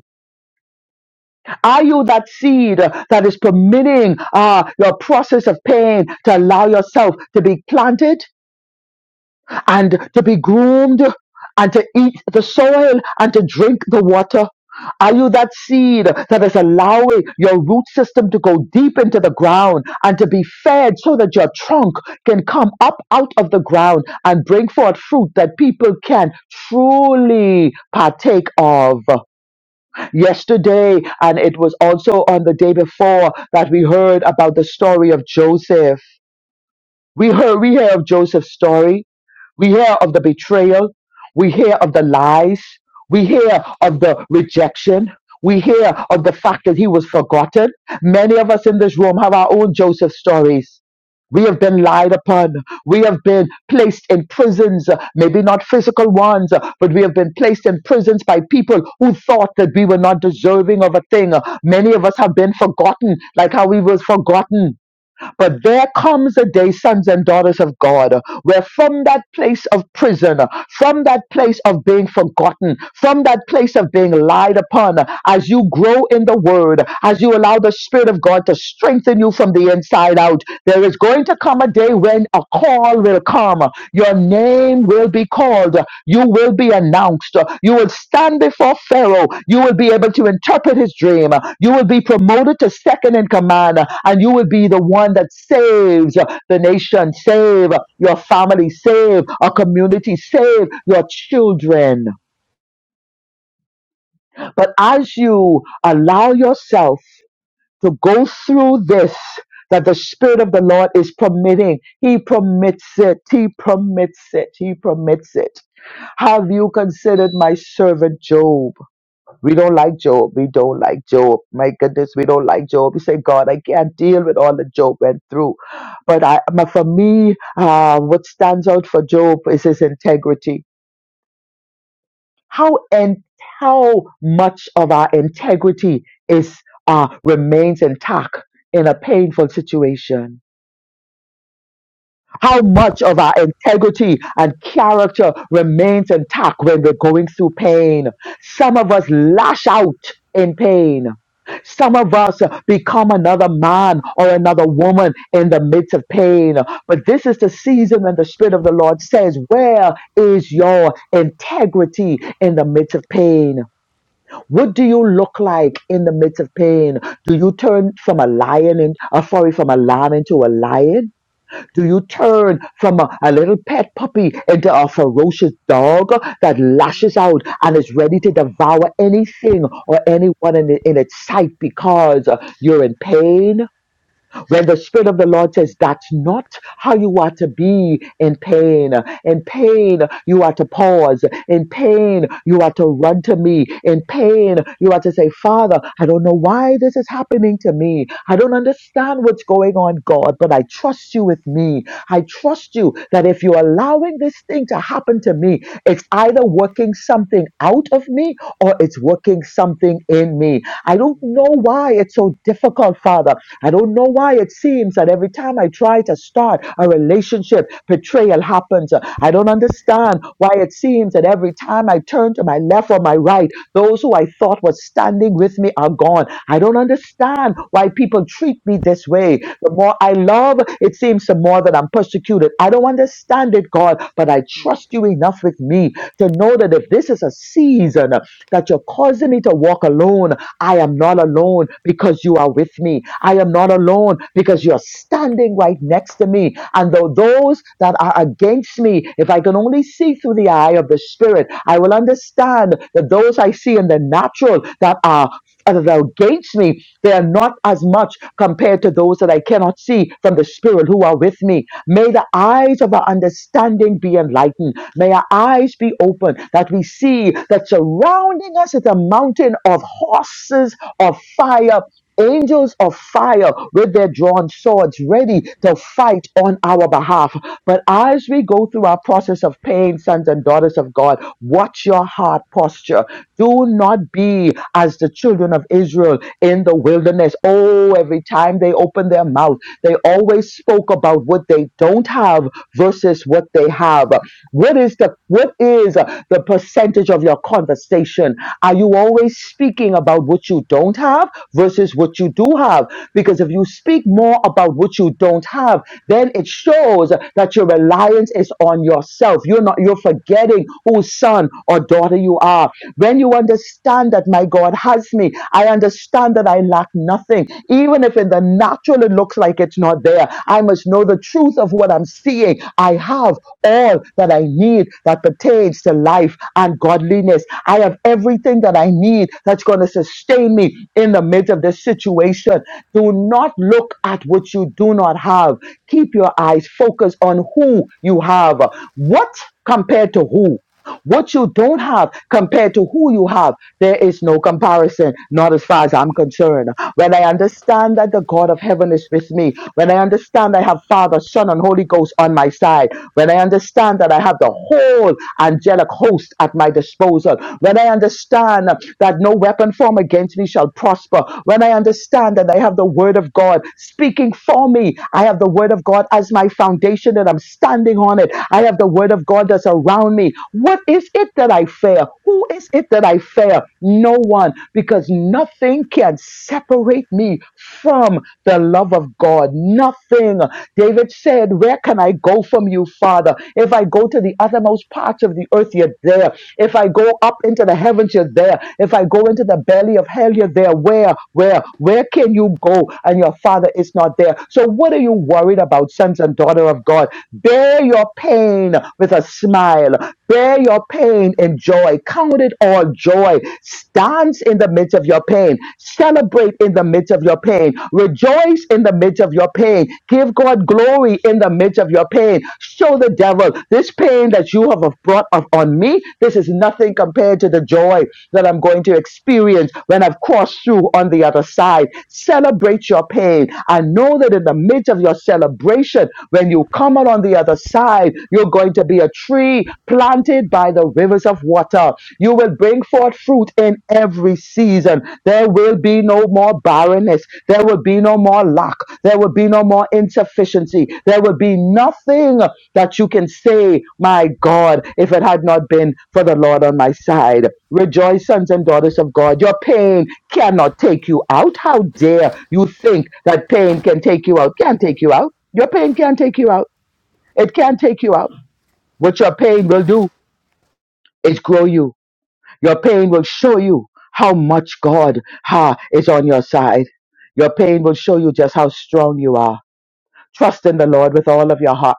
Speaker 6: Are you that seed uh, that is permitting uh, your process of pain to allow yourself to be planted and to be groomed and to eat the soil and to drink the water? Are you that seed that is allowing your root system to go deep into the ground and to be fed so that your trunk can come up out of the ground and bring forth fruit that people can truly partake of? yesterday and it was also on the day before that we heard about the story of Joseph. We heard we hear of Joseph's story. We hear of the betrayal. We hear of the lies. We hear of the rejection. We hear of the fact that he was forgotten. Many of us in this room have our own Joseph stories. We have been lied upon. We have been placed in prisons, uh, maybe not physical ones, uh, but we have been placed in prisons by people who thought that we were not deserving of a thing. Uh, Many of us have been forgotten, like how we was forgotten but there comes a day, sons and daughters of God, where from that place of prison, from that place of being forgotten, from that place of being lied upon, as you grow in the word, as you allow the Spirit of God to strengthen you from the inside out, there is going to come a day when a call will come. Your name will be called. You will be announced. You will stand before Pharaoh. You will be able to interpret his dream. You will be promoted to second in command, and you will be the one that saves the nation, save your family, save a community, save your children. But as you allow yourself, to go through this that the Spirit of the Lord is permitting. He permits it. He permits it. He permits it. Have you considered my servant Job? We don't like Job. We don't like Job. My goodness, we don't like Job. We say, God, I can't deal with all that Job went through. But I, but for me, uh, what stands out for Job is his integrity how and how much of our integrity is uh, remains intact in a painful situation how much of our integrity and character remains intact when we're going through pain some of us lash out in pain some of us uh, become another man or another woman in the midst of pain. But this is the season when the Spirit of the Lord says, Where is your integrity in the midst of pain? What do you look like in the midst of pain? Do you turn from a lion in, uh, sorry, from a lamb into a lion? Do you turn from a, a little pet puppy into a ferocious dog that lashes out and is ready to devour anything or anyone in, in its sight because uh, you're in pain? when the Spirit of the Lord says, That's not how you are to be in pain. In pain, you are to pause. In pain, you are to run to me. In pain, you are to say, Father, I don't know why this is happening to me. I don't understand what's going on, God, but I trust you with me. I trust you that if you're allowing this thing to happen to me, it's either working something out of me or it's working something in me. I don't know why it's so difficult, Father I don't know why it seems that every time I try to start a relationship, betrayal happens. I don't understand why it seems that every time I turn to my left or my right, those who I thought were standing with me are gone. I don't understand why people treat me this way. The more I love, it seems the more that I'm persecuted. I don't understand it, God, but I
Speaker 11: Jeez
Speaker 6: trust you enough with me to know that if this is a season that you're causing me to walk alone, I am not alone because you are with me. I am not alone because you're standing right next to me. And though those that are against me, if I can only see through the eye of the Spirit, I will understand that those I see in the natural that are that are against me, they are not as much compared to those that I cannot see from the Spirit who are with me. May the eyes of our understanding be enlightened. May our eyes be open that we see that surrounding us is a mountain of horses of fire. Angels of fire with their drawn swords ready to fight on our behalf. But as we go through our process of pain, sons and daughters of God, watch your heart posture do not be as the children of Israel in the wilderness. Oh, every time they opened their mouth, they always spoke about what they don't have versus what they have. What is the what is the percentage of your conversation? Are you always speaking about what you don't have versus what you do have? Because if you speak more about what you don't have, then it shows that your reliance is on yourself. You're not, you're forgetting whose son or daughter you are. When you understand that my God has me, I understand that I lack nothing. Even if in the natural it looks like it's not there, I must know the truth of what I'm seeing. I have have all that I need that pertains to life and godliness. I have everything that I need that's going to sustain me in the midst of this situation. Do not look at what you do not have. Keep your eyes focused on who you have. What compared to who? What you don't have compared to who you have, there is no comparison, not as far as I'm concerned. When I understand that the God of heaven is with me, when I understand I have Father, Son, and Holy Ghost on my side, when I understand that I have the whole angelic host at my disposal, when I understand that no weapon formed against me shall prosper, when I understand that I have the word of God speaking for me, I have the word of God as my foundation and I'm standing on it. I have the word of God that's around around me. What is it that I fear? Who is it that I fear? No one, because nothing can separate me from the love of God. Nothing. David said, Where can I go from you, Father? If I go to the uttermost parts of the earth, you're there. If I go up into the heavens, you're there. If I go into the belly of hell, you're there. Where, where, where can you go? And your Father is not there. So, what are you worried about, sons and daughter of God? Bear your pain with a smile. Bear your pain in joy. Count it all joy. Dance in the midst of your pain. Celebrate in the midst of your pain. Rejoice in the midst of your pain. Give God glory in the midst of your pain. Show the devil this pain that you have brought up on me. This is nothing compared to the joy that I'm going to experience when I've crossed through on the other side. Celebrate your pain. I know that in the midst of your celebration, when you come out on the other side, side. You're going to be a tree planted by the rivers of water. You will bring forth fruit in every season. There will be no more barrenness. There will be no more lack. There will be no more insufficiency. There will be nothing that you can say, My God, if it had not been for the Lord on my side. Rejoice, sons and daughters of God. Your pain cannot take you out. How dare you think that pain can take you out? Can't take you out. Your pain can't take you out. It can't take you out. What your pain will do is grow you. Your pain will show you how much God ha, is on your side. Your pain will show you just how strong you are. Trust in the Lord with all of your heart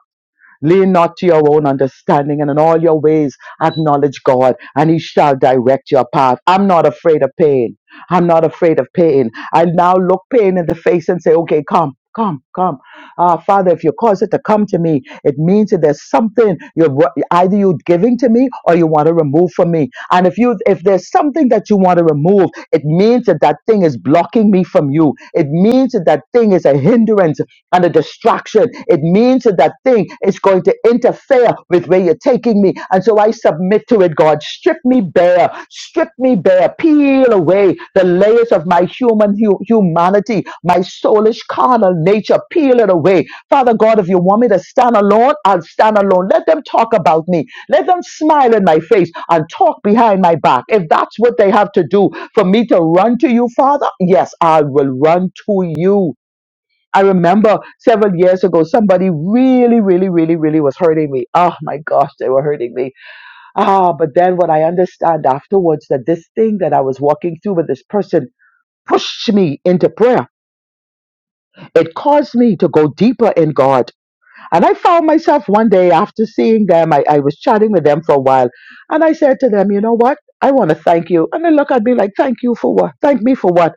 Speaker 6: Lean not to your own understanding, and in all your ways acknowledge God, and He shall direct your path. I'm not afraid of pain. I'm not afraid of pain. I now look pain in the face and say, Okay, come. Come, come, Ah, Father. If you cause it to come to me, it means that there's something you're either you're giving to me or you want to remove from me. And if you, if there's something that you want to remove, it means that that thing is blocking me from you. It means that that thing is a hindrance and a distraction. It means that that thing is going to interfere with where you're taking me. And so I submit to it, God. Strip me bare, strip me bare, peel away the layers of my human hu- humanity, my soulish carnal nature, peel it away. Father God, if you want me to stand alone, I'll stand alone. Let them talk about me. Let them smile in my face and talk behind my back. If that's what they have to do for me to run to you, Father, yes, I will run to you I remember several years ago, somebody really, really, really, really was hurting me. Oh my gosh, they were hurting me. Ah, but then what I understand afterwards that this thing that I was walking through with this person pushed me into prayer. It caused me to go deeper in God. And I found myself one day after seeing them, I, I was chatting with them for a while. And I said to them, you know what? I want to thank you. And they look at me like, thank you for what? Thank me for what?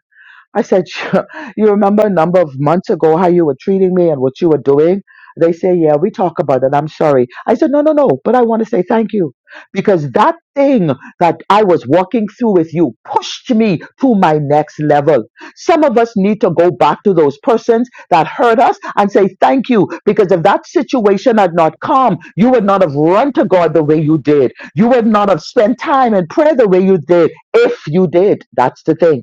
Speaker 6: I said, "Sure. You remember a number of months ago how you were treating me and what you were doing? They say, Yeah, we talk about it. I'm sorry. I said, No, no, no. But I want to say thank you because that thing that I was walking through with you pushed me to my next level. Some of us need to go back to those persons that hurt us and say thank you because if that situation had not come, you would not have run to God the way you did. You would not have spent time in prayer the way you did if you did. That's the thing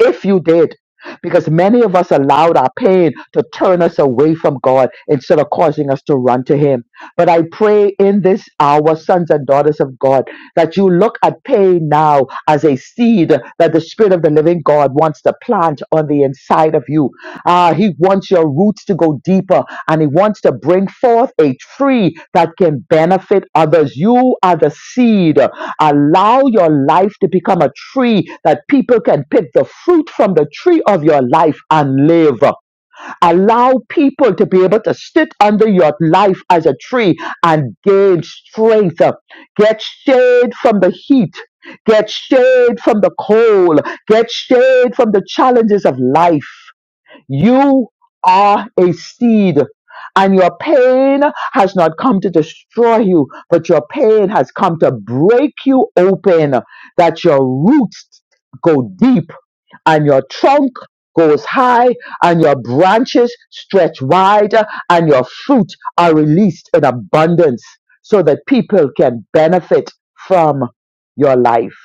Speaker 6: if you did because many of us allowed our pain to turn us away from God instead of causing us to run to Him. But I pray in this hour, sons and daughters of God, that you look at pain now as a seed that the Spirit of the living God wants to plant on the inside of you. Ah, He wants your roots to go deeper and He wants to bring forth a tree that can benefit others. You are the seed. Allow your life to become a tree that people can pick the fruit from the tree of your life and live. Allow people to be able to sit under your life as a tree and gain strength. Get shade from the heat. Get shade from the cold. Get shade from the challenges of life. You are a seed, and your pain has not come to destroy you, but your pain has come to break you open, that your roots go deep and your trunk goes high and your branches stretch wide and your fruit are released in abundance so that people can benefit from your life.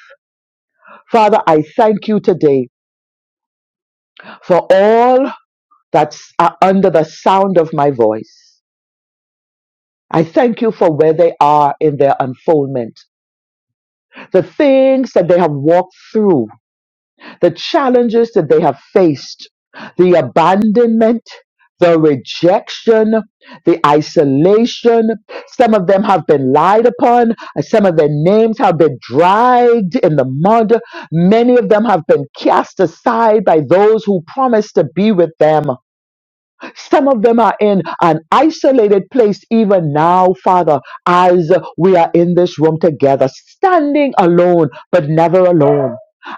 Speaker 6: Father, I thank you today for all that are under the sound of my voice. I thank you for where they are in their unfoldment, the things that they have walked through, the challenges that they have faced, the abandonment, the rejection, the isolation. Some of them have been lied upon. Some of their names have been dragged in the mud. Many of them have been cast aside by those who promised to be with them. Some of them are in an isolated place even now, Father, as we are in this room together, standing alone, but never alone.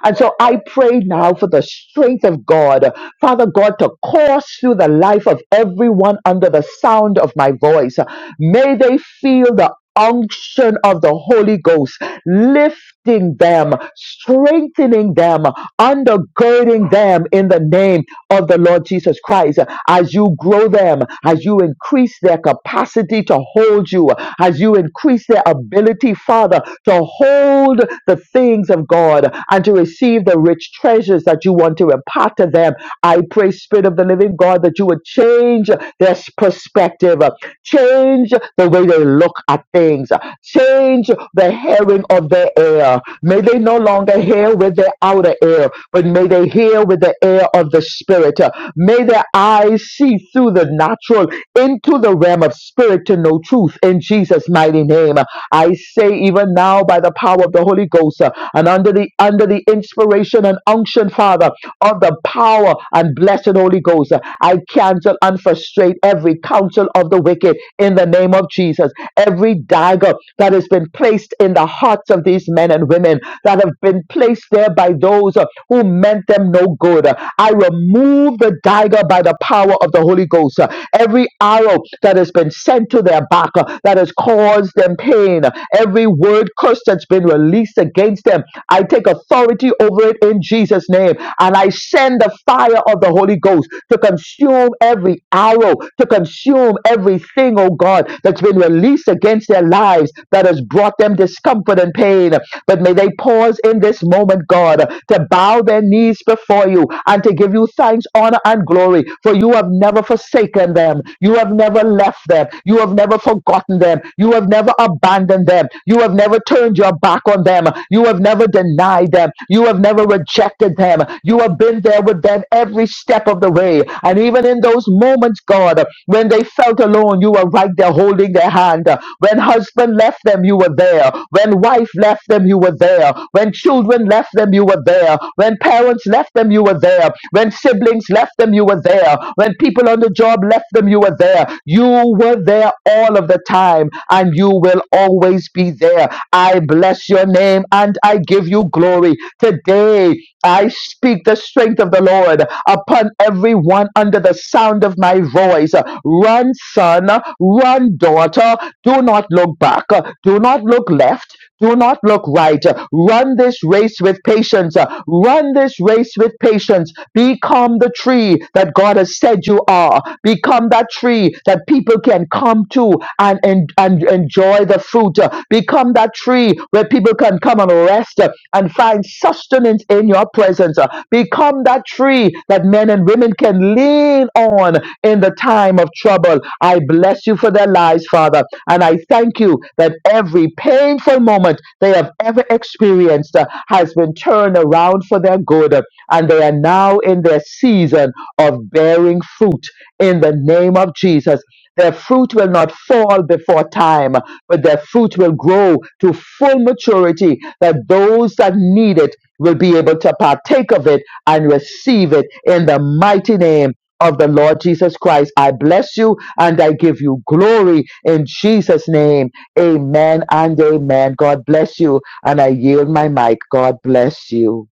Speaker 6: And so I pray now for the strength of God, Father God, to course through the life of everyone under the sound of my voice. May they feel the unction of the Holy Ghost, lifting them, strengthening them, undergirding them in the name of the Lord Jesus Christ. As you grow them, as you increase their capacity to hold you, as you increase their ability, Father, to hold the things of God. Lord, and to receive the rich treasures that you want to impart to them. I pray, Spirit of the living God, that you would change their s- perspective, change the way they look at things, change the hearing of their ear. May they no longer hear with their outer ear, but may they hear with the ear of the Spirit. May their eyes see through the natural into the realm of spirit to know truth in Jesus' mighty name. I say, even now, by the power of the Holy Ghost uh, and under the under the inspiration and unction, Father, of the power and blessed Holy Ghost, uh, I cancel and frustrate every counsel of the wicked in the name of Jesus. Every dagger that has been placed in the hearts of these men and women that have been placed there by those uh, who meant them no good. uh, I remove the dagger by the power of the Holy Ghost. Uh, Every arrow that has been sent to their back uh, that has caused them pain, uh, every word curse that's been released released against them. I take authority over it in Jesus' name. And I send the fire of the Holy Ghost to consume every arrow, to consume everything, oh God, that's been released against their lives that has brought them discomfort and pain. But may they pause in this moment, God, to bow their knees before you and to give you thanks, honor, and glory. For you have never forsaken them. You have never left them. You have never forgotten them. You have never abandoned them. You have never turned turned your back on them. You have never denied them. You have never rejected them. You have been there with them every step of the way. And even in those moments, God, when they felt alone, you were right there holding their hand. When husband left them, you were there. When wife left them, you were there. When children left them, you were there. When parents left them, you were there. When siblings left them, you were there. When people on the job left them, you were there. You were there all of the time, and you will always be there there. I bless your name and I give you glory. Today, I speak the strength of the Lord upon everyone under the sound of my voice. Run, son, run, daughter. Do not look back, do not look left do not look right. Run this race with patience. Run this race with patience. Become the tree that God has said you are. Become that tree that people can come to and, and, and enjoy the fruit. Become that tree where people can come and rest and find sustenance in your presence. Become that tree that men men and women can lean on in the time of trouble. I bless you for their lives, Father. And I thank you that every painful moment they have ever experienced uh, has been turned around for their good. uh, And they are now in their season of bearing fruit in the name of Jesus. Their fruit will not fall before time, but their fruit will grow to full maturity that those that need it will be able to partake of it and receive it in the mighty name of the Lord Jesus Christ. I bless you and I give you glory in Jesus' name. Amen and amen. God bless you. And I yield my mic. God bless you.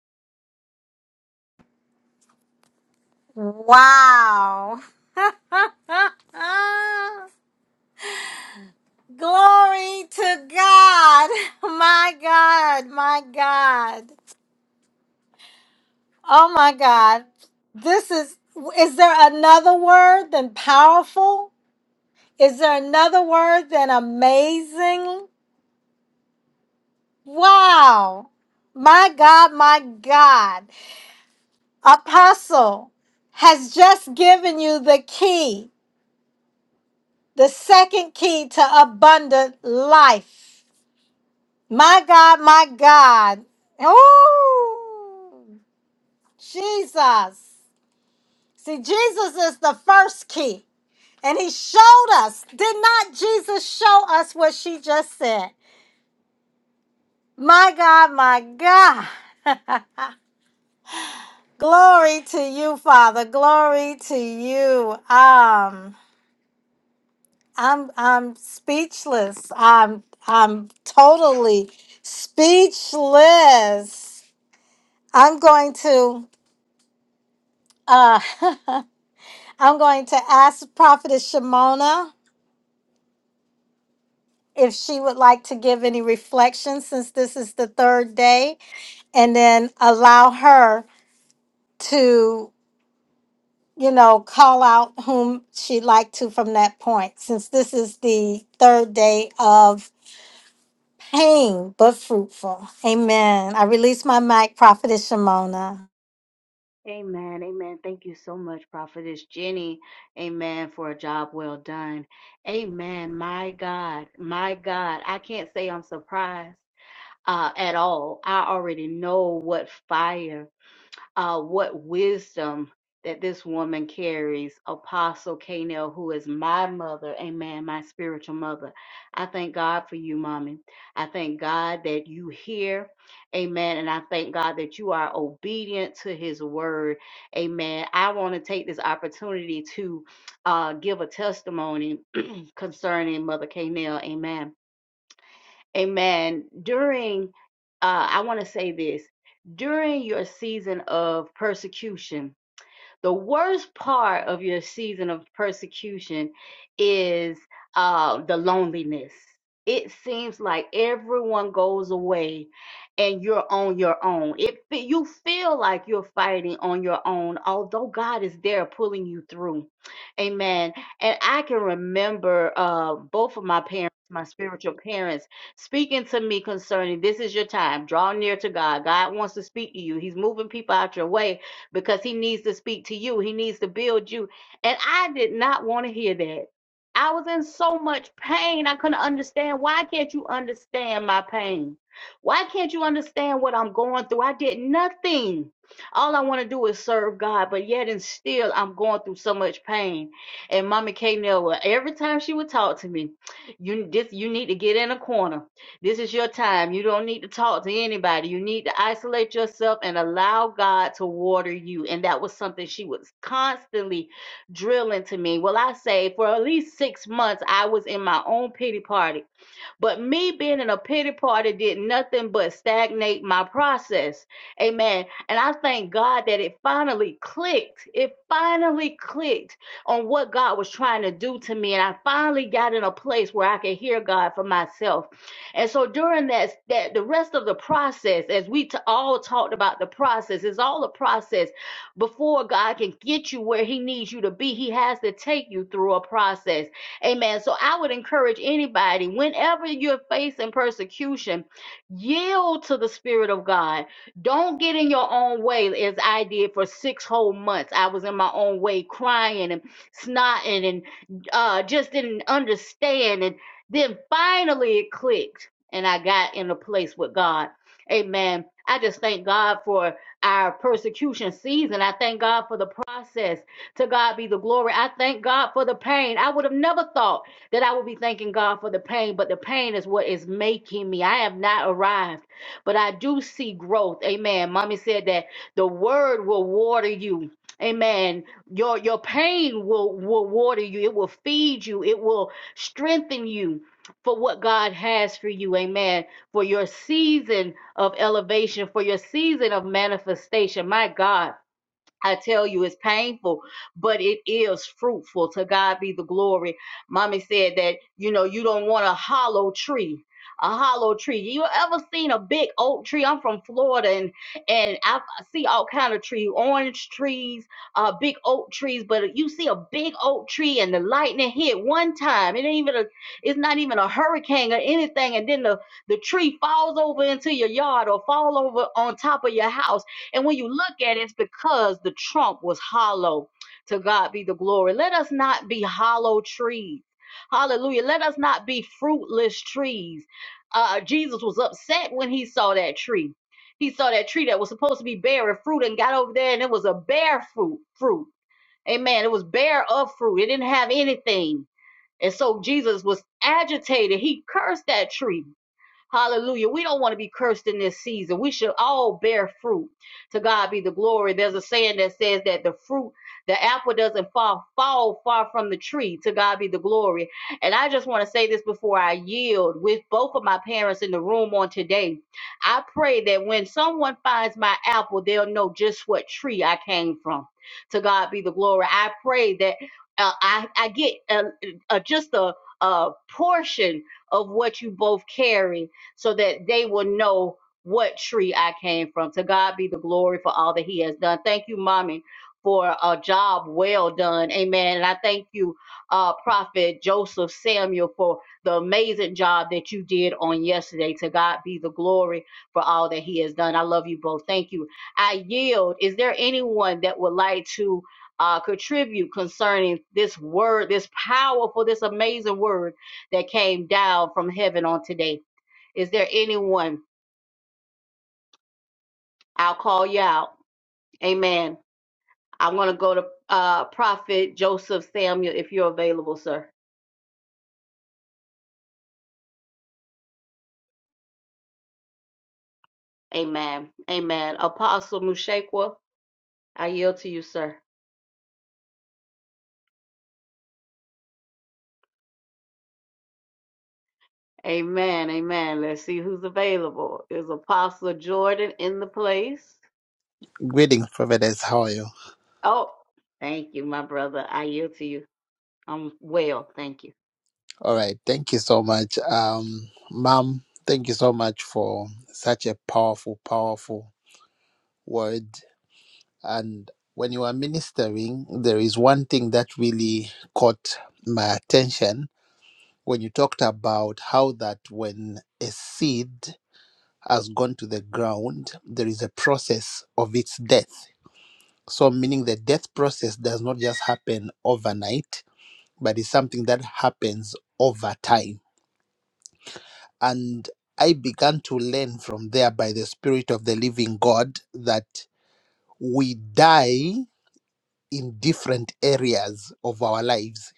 Speaker 4: Wow. Glory to God. My God. My God. Oh my God. This is is there another word than powerful? Is there another word than amazing? Wow. My God, my God. Apostle has just given you the key, the second key to abundant life. My God, my God. Oh. Jesus. See, Jesus is the first key. And he showed us. Did not Jesus show us what she just said? My God, my God. Glory to you, Father. Glory to you. Um, I'm I'm speechless. I'm I'm totally speechless. I'm going to uh I'm going to ask Prophetess Shimona. if she would like to give any reflections since this is the third day, and then allow her to, you know, call out whom she'd like to from that point, since this is the third day of pain but fruitful. Amen. I release my mic, Prophetess Shimona.
Speaker 1: Amen. Amen. Thank you so much, Prophetess Jenny. Amen. For a job well done. Amen. My God. My God. I can't say I'm surprised uh, at all. I already know what fire uh, what wisdom that this woman carries, Apostle Kanell, who is my mother, amen, my spiritual mother. I thank God for you, mommy. I thank God that you hear, amen, and I thank God that you are obedient to his word, amen. I want to take this opportunity to uh, give a testimony concerning Mother Kanell, amen. Amen. During, uh, I want to say this during your season of persecution, the worst part of your season of persecution is uh, the loneliness. It seems like everyone goes away and you're on your own. It fe- you feel like you're fighting on your own, although God is there pulling you through. Amen. And I can remember uh, both of my parents, my spiritual parents, speaking to me concerning this is your time. Draw near to God. God wants to speak to you. He's moving people out your way because he needs to speak to you. He needs to build you. And I did not want to hear that. I was in so much pain. I couldn't understand. Why can't you understand my pain? Why can't you understand what I'm going through? I did nothing. All I want to do is serve God, but yet and still, I'm going through so much pain. And Mama K. Nell, every time she would talk to me, you this, you need to get in a corner. This is your time. You don't need to talk to anybody. You need to isolate yourself and allow God to water you. And that was something she was constantly drilling to me. Well, I say for at least six months, I was in my own pity party but me being in a pity party did nothing but stagnate my process. Amen. And I thank God that it finally clicked. It finally clicked on what God was trying to do to me. And I finally got in a place where I could hear God for myself. And so during that, that the rest of the process, as we t- all talked about the process, it's all a process. Before God can get you where He needs you to be, He has to take you through a process Amen. So I would encourage anybody, whenever you're facing persecution, yield to the Spirit of God. Don't get in your own way, as I did for six whole months. I was in my own way, crying and snotting and uh, just didn't understand. And then finally it clicked, and I got in a place with God. Amen. I just thank God for our persecution season. I thank God for the process. To God be the glory. I thank God for the pain. I would have never thought that I would be thanking God for the pain, but the pain is what is making me. I have not arrived, but I do see growth. Amen. Mommy said that the word will water you. Amen. Your your pain will, will water you. It will feed you. It will strengthen you for what God has for you. Amen. For your season of elevation, for your season of manifestation. My God. I tell you, it's painful, but it is fruitful. To God be the glory. Mommy said that, you know, you don't want a hollow tree. A hollow tree. You ever seen a big oak tree? I'm from Florida, and and I see all kind of trees, orange trees, uh, big oak trees. But you see a big oak tree, and the lightning hit one time. It ain't even a. It's not even a hurricane or anything, and then the the tree falls over into your yard or fall over on top of your house and when you look at it, it's because the trunk was hollow. To God be the glory. Let us not be hollow trees. Hallelujah. Let us not be fruitless trees. Uh, Jesus was upset when he saw that tree. He saw that tree that was supposed to be bearing fruit and got over there and it was a bare fruit. fruit. Amen. It was bare of fruit. It didn't have anything. And so Jesus was agitated. He cursed that tree. Hallelujah. We don't want to be cursed in this season. We should all bear fruit. To God be the glory. There's a saying that says that the fruit, the apple doesn't fall, fall far from the tree. To God be the glory. And I just want to say this before I yield with both of my parents in the room on today. I pray that when someone finds my apple, they'll know just what tree I came from. To God be the glory. I pray that uh, I, I get uh, uh, just a, a portion of what you both carry so that they will know what tree I came from. To God be the glory for all that He has done. Thank you, Mommy, for a job well done. Amen. And I thank you, uh, Prophet Joseph Samuel, for the amazing job that you did on yesterday. To God be the glory for all that He has done. I love you both. Thank you. I yield. Is there anyone that would like to? Uh, contribute concerning this word, this powerful, this amazing word that came down from heaven on today. Is there anyone? I'll call you out. Amen. I want to go to uh, Prophet Joseph Samuel if you're available, sir. Amen. Amen. Apostle Mushakwa, I yield to you, sir. Amen. Amen. Let's see who's available. Is Apostle Jordan in the place?
Speaker 12: Greetings, Providence. How are you?
Speaker 1: Oh, thank you, my brother. I yield to you. I'm well. Thank you.
Speaker 12: All right. Thank you so much. Um, Mom, thank you so much for such a powerful, powerful word. And when you are ministering, there is one thing that really caught my attention when you talked about how that when a seed has gone to the ground, there is a process of its death. So, meaning the death process does not just happen overnight, but it's something that happens over time And I began to learn from there by the Spirit of the Living God that we die in different areas of our lives.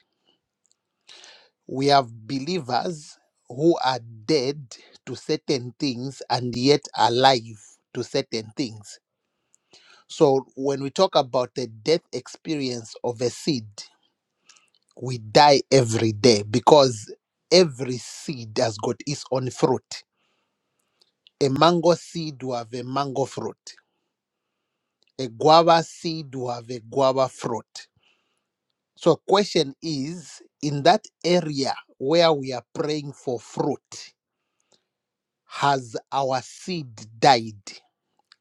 Speaker 12: We have believers who are dead to certain things and yet alive to certain things. So when we talk about the death experience of a seed, we die every day because every seed has got its own fruit. A mango seed will have a mango fruit. a guava seed will have a guava fruit. So, question is in that area where we are praying for fruit, has our seed died?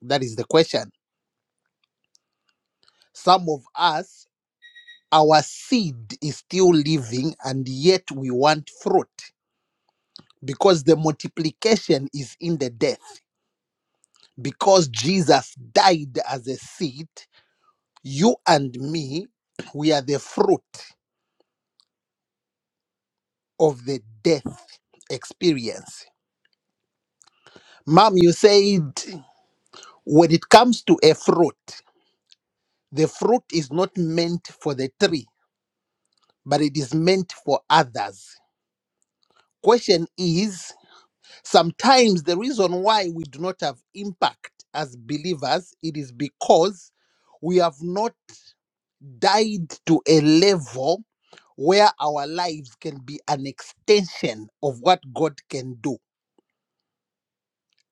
Speaker 12: That is the question. Some of us, our seed is still living and yet we want fruit because the multiplication is in the death. Because Jesus died as a seed, you and me, we are the fruit. of the death experience. Mom, you said when it comes to a fruit, the fruit is not meant for the tree, but it is meant for others. Question is sometimes the reason why we do not have impact as believers, it is because we have not died to a level where our lives can be an extension of what God can do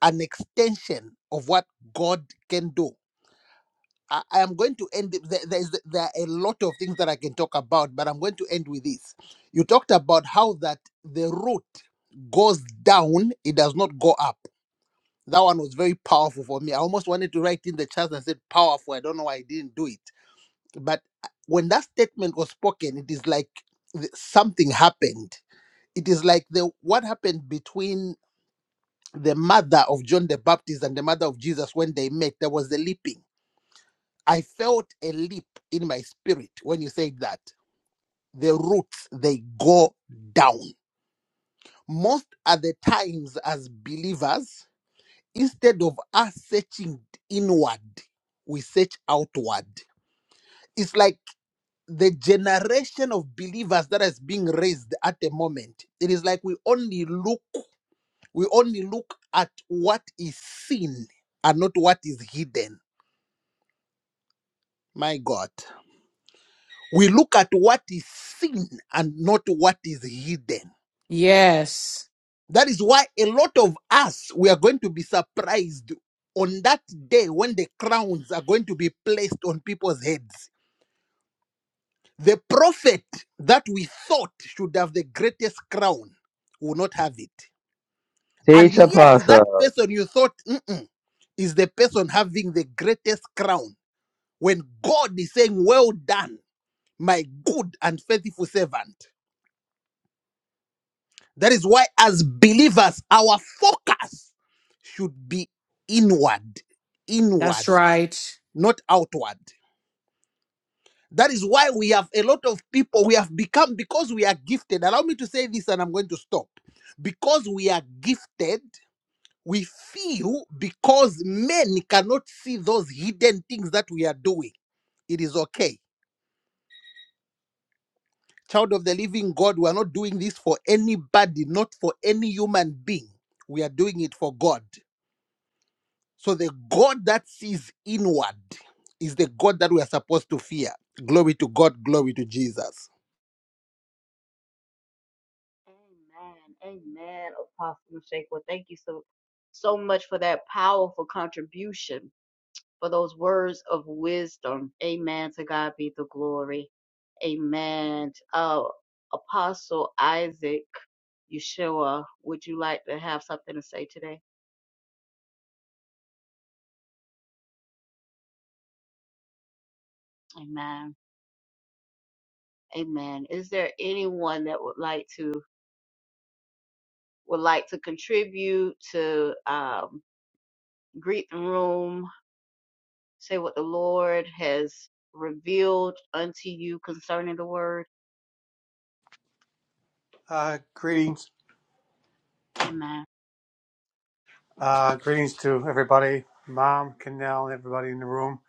Speaker 12: an extension of what God can do. I, I am going to end. There, there's, there are a lot of things that I can talk about, but I'm going to end with this. You talked about how that the root goes down, it does not go up. That one was very powerful for me. I almost wanted to write in the chat and said powerful. I don't know why I didn't do it. But uh, when that statement was spoken, it is like th- something happened. It is like the what happened between the mother of John the Baptist and the mother of Jesus, when they met, there was a leaping. I felt a leap in my spirit when you said that. The roots, they go down. Most at the times, as believers, instead of us searching inward, we search outward. It's like the generation of believers that is being raised at the moment. It is like we only look, we only look at what is seen and not what is hidden My God. We look at what is seen and not what is hidden.
Speaker 13: Yes,
Speaker 12: That is why a lot of us we are going to be surprised on that day when the crowns are going to be placed on people's heads. The prophet that we thought should have the greatest crown will not have it. And
Speaker 6: Teach
Speaker 12: yet,
Speaker 6: apostle.
Speaker 12: that person you thought "Mm-mm," is the person having the greatest crown when God is saying, Well done, my good and faithful servant. That is why, as believers, our focus should be inward, inward,
Speaker 13: that's right.
Speaker 12: not outward. That is why we have a lot of people, we have become, because we are gifted. Allow me to say this and I'm going to stop. Because we are gifted, we feel because men cannot see those hidden things that we are doing, it is okay. Child of the living God, we are not doing this for anybody, not for any human being. We are doing it for God. So the God that sees inward is the God that we are supposed to fear. Glory to God, glory to Jesus.
Speaker 1: Amen. Amen. Apostle Mushakwa, thank you so so much for that powerful contribution for those words of wisdom. Amen. To God be the glory. Amen. Uh, Apostle Isaac Yeshua, would you like to have something to say today? Amen. Amen. Is there anyone that would like to would like to contribute to um, greet the room, say what the Lord has revealed unto you concerning the word?
Speaker 14: Uh, greetings,
Speaker 1: Amen.
Speaker 14: uh, greetings to everybody, Mom, Canal, and everybody in the room.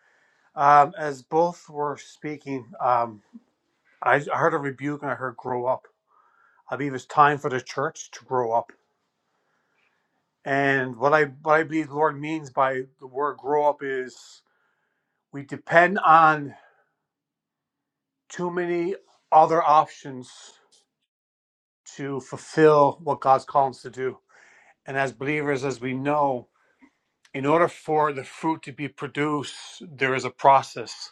Speaker 14: Um, as both were speaking, um, I, I heard a rebuke and I heard "grow up." I believe it's time for the church to grow up. And what I what I believe the Lord means by the word "grow up" is we depend on too many other options to fulfill what God's calling us to do. And as believers, as we know, in order for the fruit to be produced, there is a process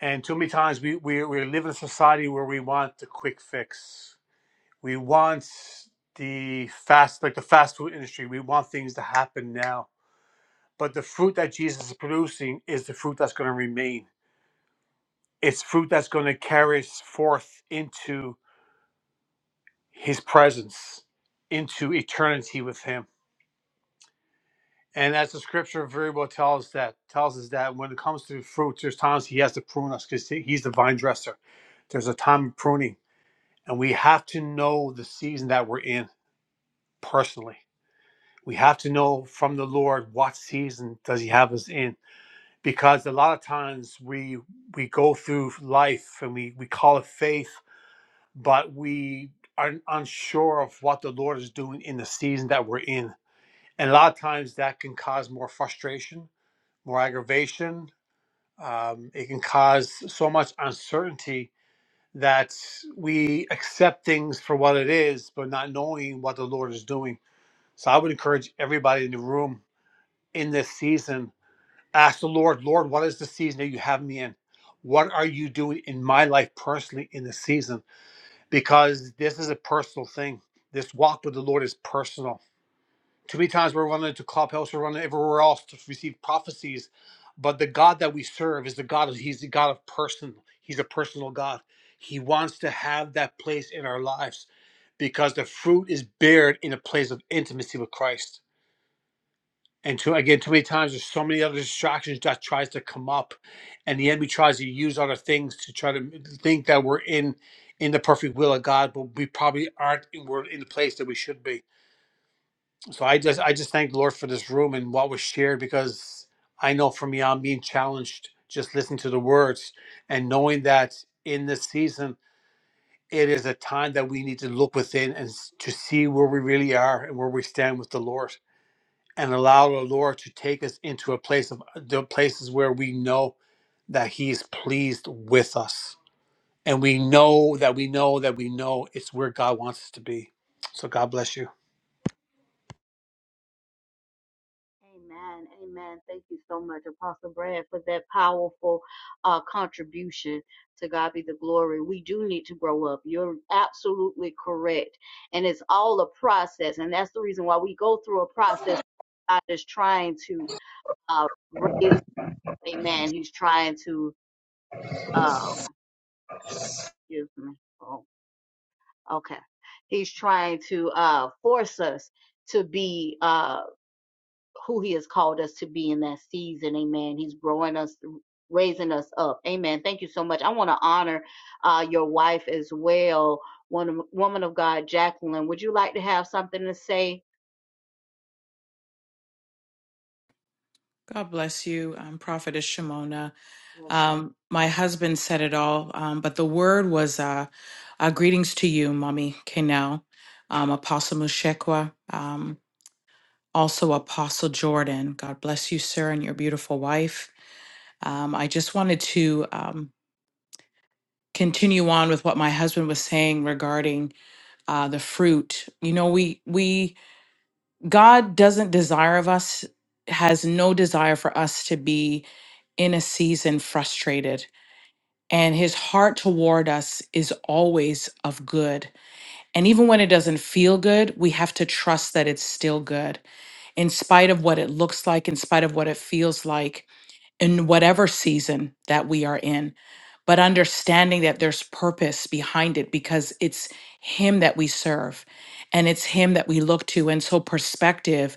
Speaker 14: And too many times we, we, we live in a society where we want the quick fix. We want the fast, like the fast food industry, we want things to happen now. But the fruit that Jesus is producing is the fruit that's going to remain. It's fruit that's going to carry us forth into his presence, into eternity with him. And as the scripture very well tells that tells us that when it comes to fruit, there's times he has to prune us because he's the vine dresser. There's a time of pruning And we have to know the season that we're in personally. We have to know from the Lord what season does he have us in. Because a lot of times we we go through life and we, we call it faith, but we are unsure of what the Lord is doing in the season that we're in. And a lot of times that can cause more frustration, more aggravation. Um, it can cause so much uncertainty that we accept things for what it is, but not knowing what the Lord is doing. So I would encourage everybody in the room in this season, ask the Lord, Lord, what is the season that you have me in? What are you doing in my life personally in this season? Because this is a personal thing. This walk with the Lord is personal too many times we're running to clubhouse, we're running everywhere else to receive prophecies, but the God that we serve is the God. Of, he's the God of person. He's a personal God. He wants to have that place in our lives because the fruit is bared in a place of intimacy with Christ. And too, again, too many times there's so many other distractions that tries to come up, and the enemy tries to use other things to try to think that we're in in the perfect will of God, but we probably aren't. and We're in the place that we should be so I just I just thank the Lord for this room and what was shared because I know for me I'm being challenged just listening to the words and knowing that in this season it is a time that we need to look within and s- to see where we really are and where we stand with the Lord and allow the Lord to take us into a place of uh, the places where we know that he is pleased with us and we know that we know that we know it's where God wants us to be. So God bless you.
Speaker 1: Amen. Amen. Thank you so much, Apostle Brad, for that powerful uh, contribution. To God be the glory. We do need to grow up. You're absolutely correct. And it's all a process. And that's the reason why we go through a process. God is trying to uh, raise up. Amen. He's trying to, uh, excuse me. Oh, okay. He's trying to uh, force us to be. Uh, who he has called us to be in that season. Amen. He's growing us, raising us up. Amen. Thank you so much. I want to honor uh, your wife as well, one woman of God, Jacqueline. Would you like to have something to say?
Speaker 13: God bless you, um, Prophetess Shimona.
Speaker 1: Bless you.
Speaker 13: Um, my husband said it all, um, but the word was uh, uh, greetings to you, Mommy Kenel, um, Apostle Mushekwa, um, also Apostle Jordan. God bless you, sir, and your beautiful wife. Um, I just wanted to um, continue on with what my husband was saying regarding uh, the fruit. You know, we we God doesn't desire of us, has no desire for us to be in a season frustrated. And his heart toward us is always of good. And even when it doesn't feel good, we have to trust that it's still good, in spite of what it looks like, in spite of what it feels like in whatever season that we are in, but understanding that there's purpose behind it because it's Him that we serve and it's Him that we look to. And so, perspective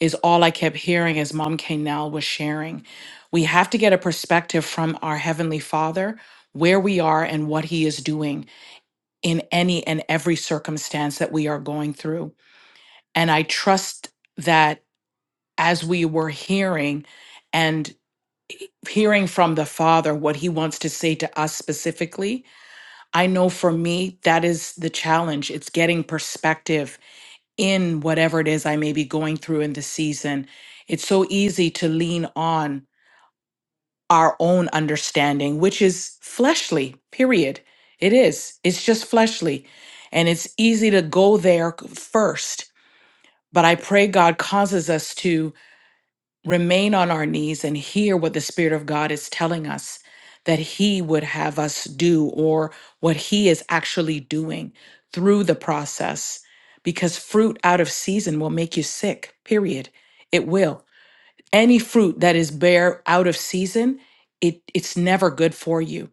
Speaker 13: is all I kept hearing as Mom Kanell was sharing. We have to get a perspective from our Heavenly Father, where we are and what He is doing in any and every circumstance that we are going through. And I trust that as we were hearing, hearing from the Father what He wants to say to us specifically. I know for me, that is the challenge. It's getting perspective in whatever it is I may be going through in the season. It's so easy to lean on our own understanding, which is fleshly, period. It is. It's just fleshly. And it's easy to go there first. But I pray God causes us to. remain on our knees and hear what the Spirit of God is telling us that He would have us do, or what He is actually doing through the process. Because fruit out of season will make you sick, period. It will. Any fruit that is bare out of season, it, it's never good for you.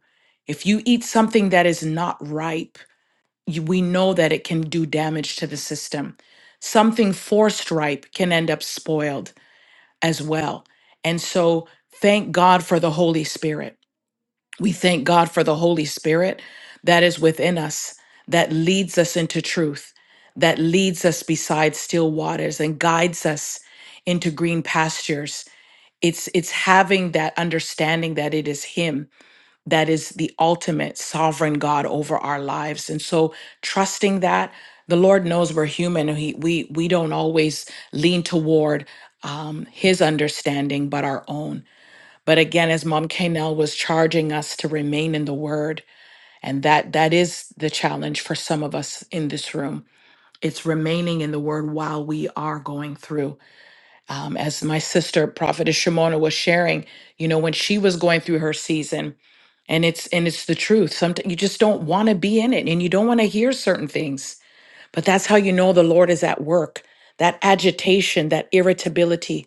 Speaker 13: If you eat something that is not ripe, you, we know that it can do damage to the system. Something forced ripe can end up spoiled as well. And so, thank God for the Holy Spirit. We thank God for the Holy Spirit that is within us, that leads us into truth, that leads us beside still waters and guides us into green pastures. It's, it's having that understanding that it is Him that is the ultimate sovereign God over our lives. And so trusting that the Lord knows we're human. and He, we, we don't always lean toward um, his understanding, but our own. But again, as Mom Kanell was charging us to remain in the word, and that that is the challenge for some of us in this room. It's remaining in the word while we are going through um, as my sister prophetess shimona was sharing you know when she was going through her season and it's and it's the truth sometimes you just don't want to be in it and you don't want to hear certain things but that's how you know the Lord is at work. That agitation, that irritability,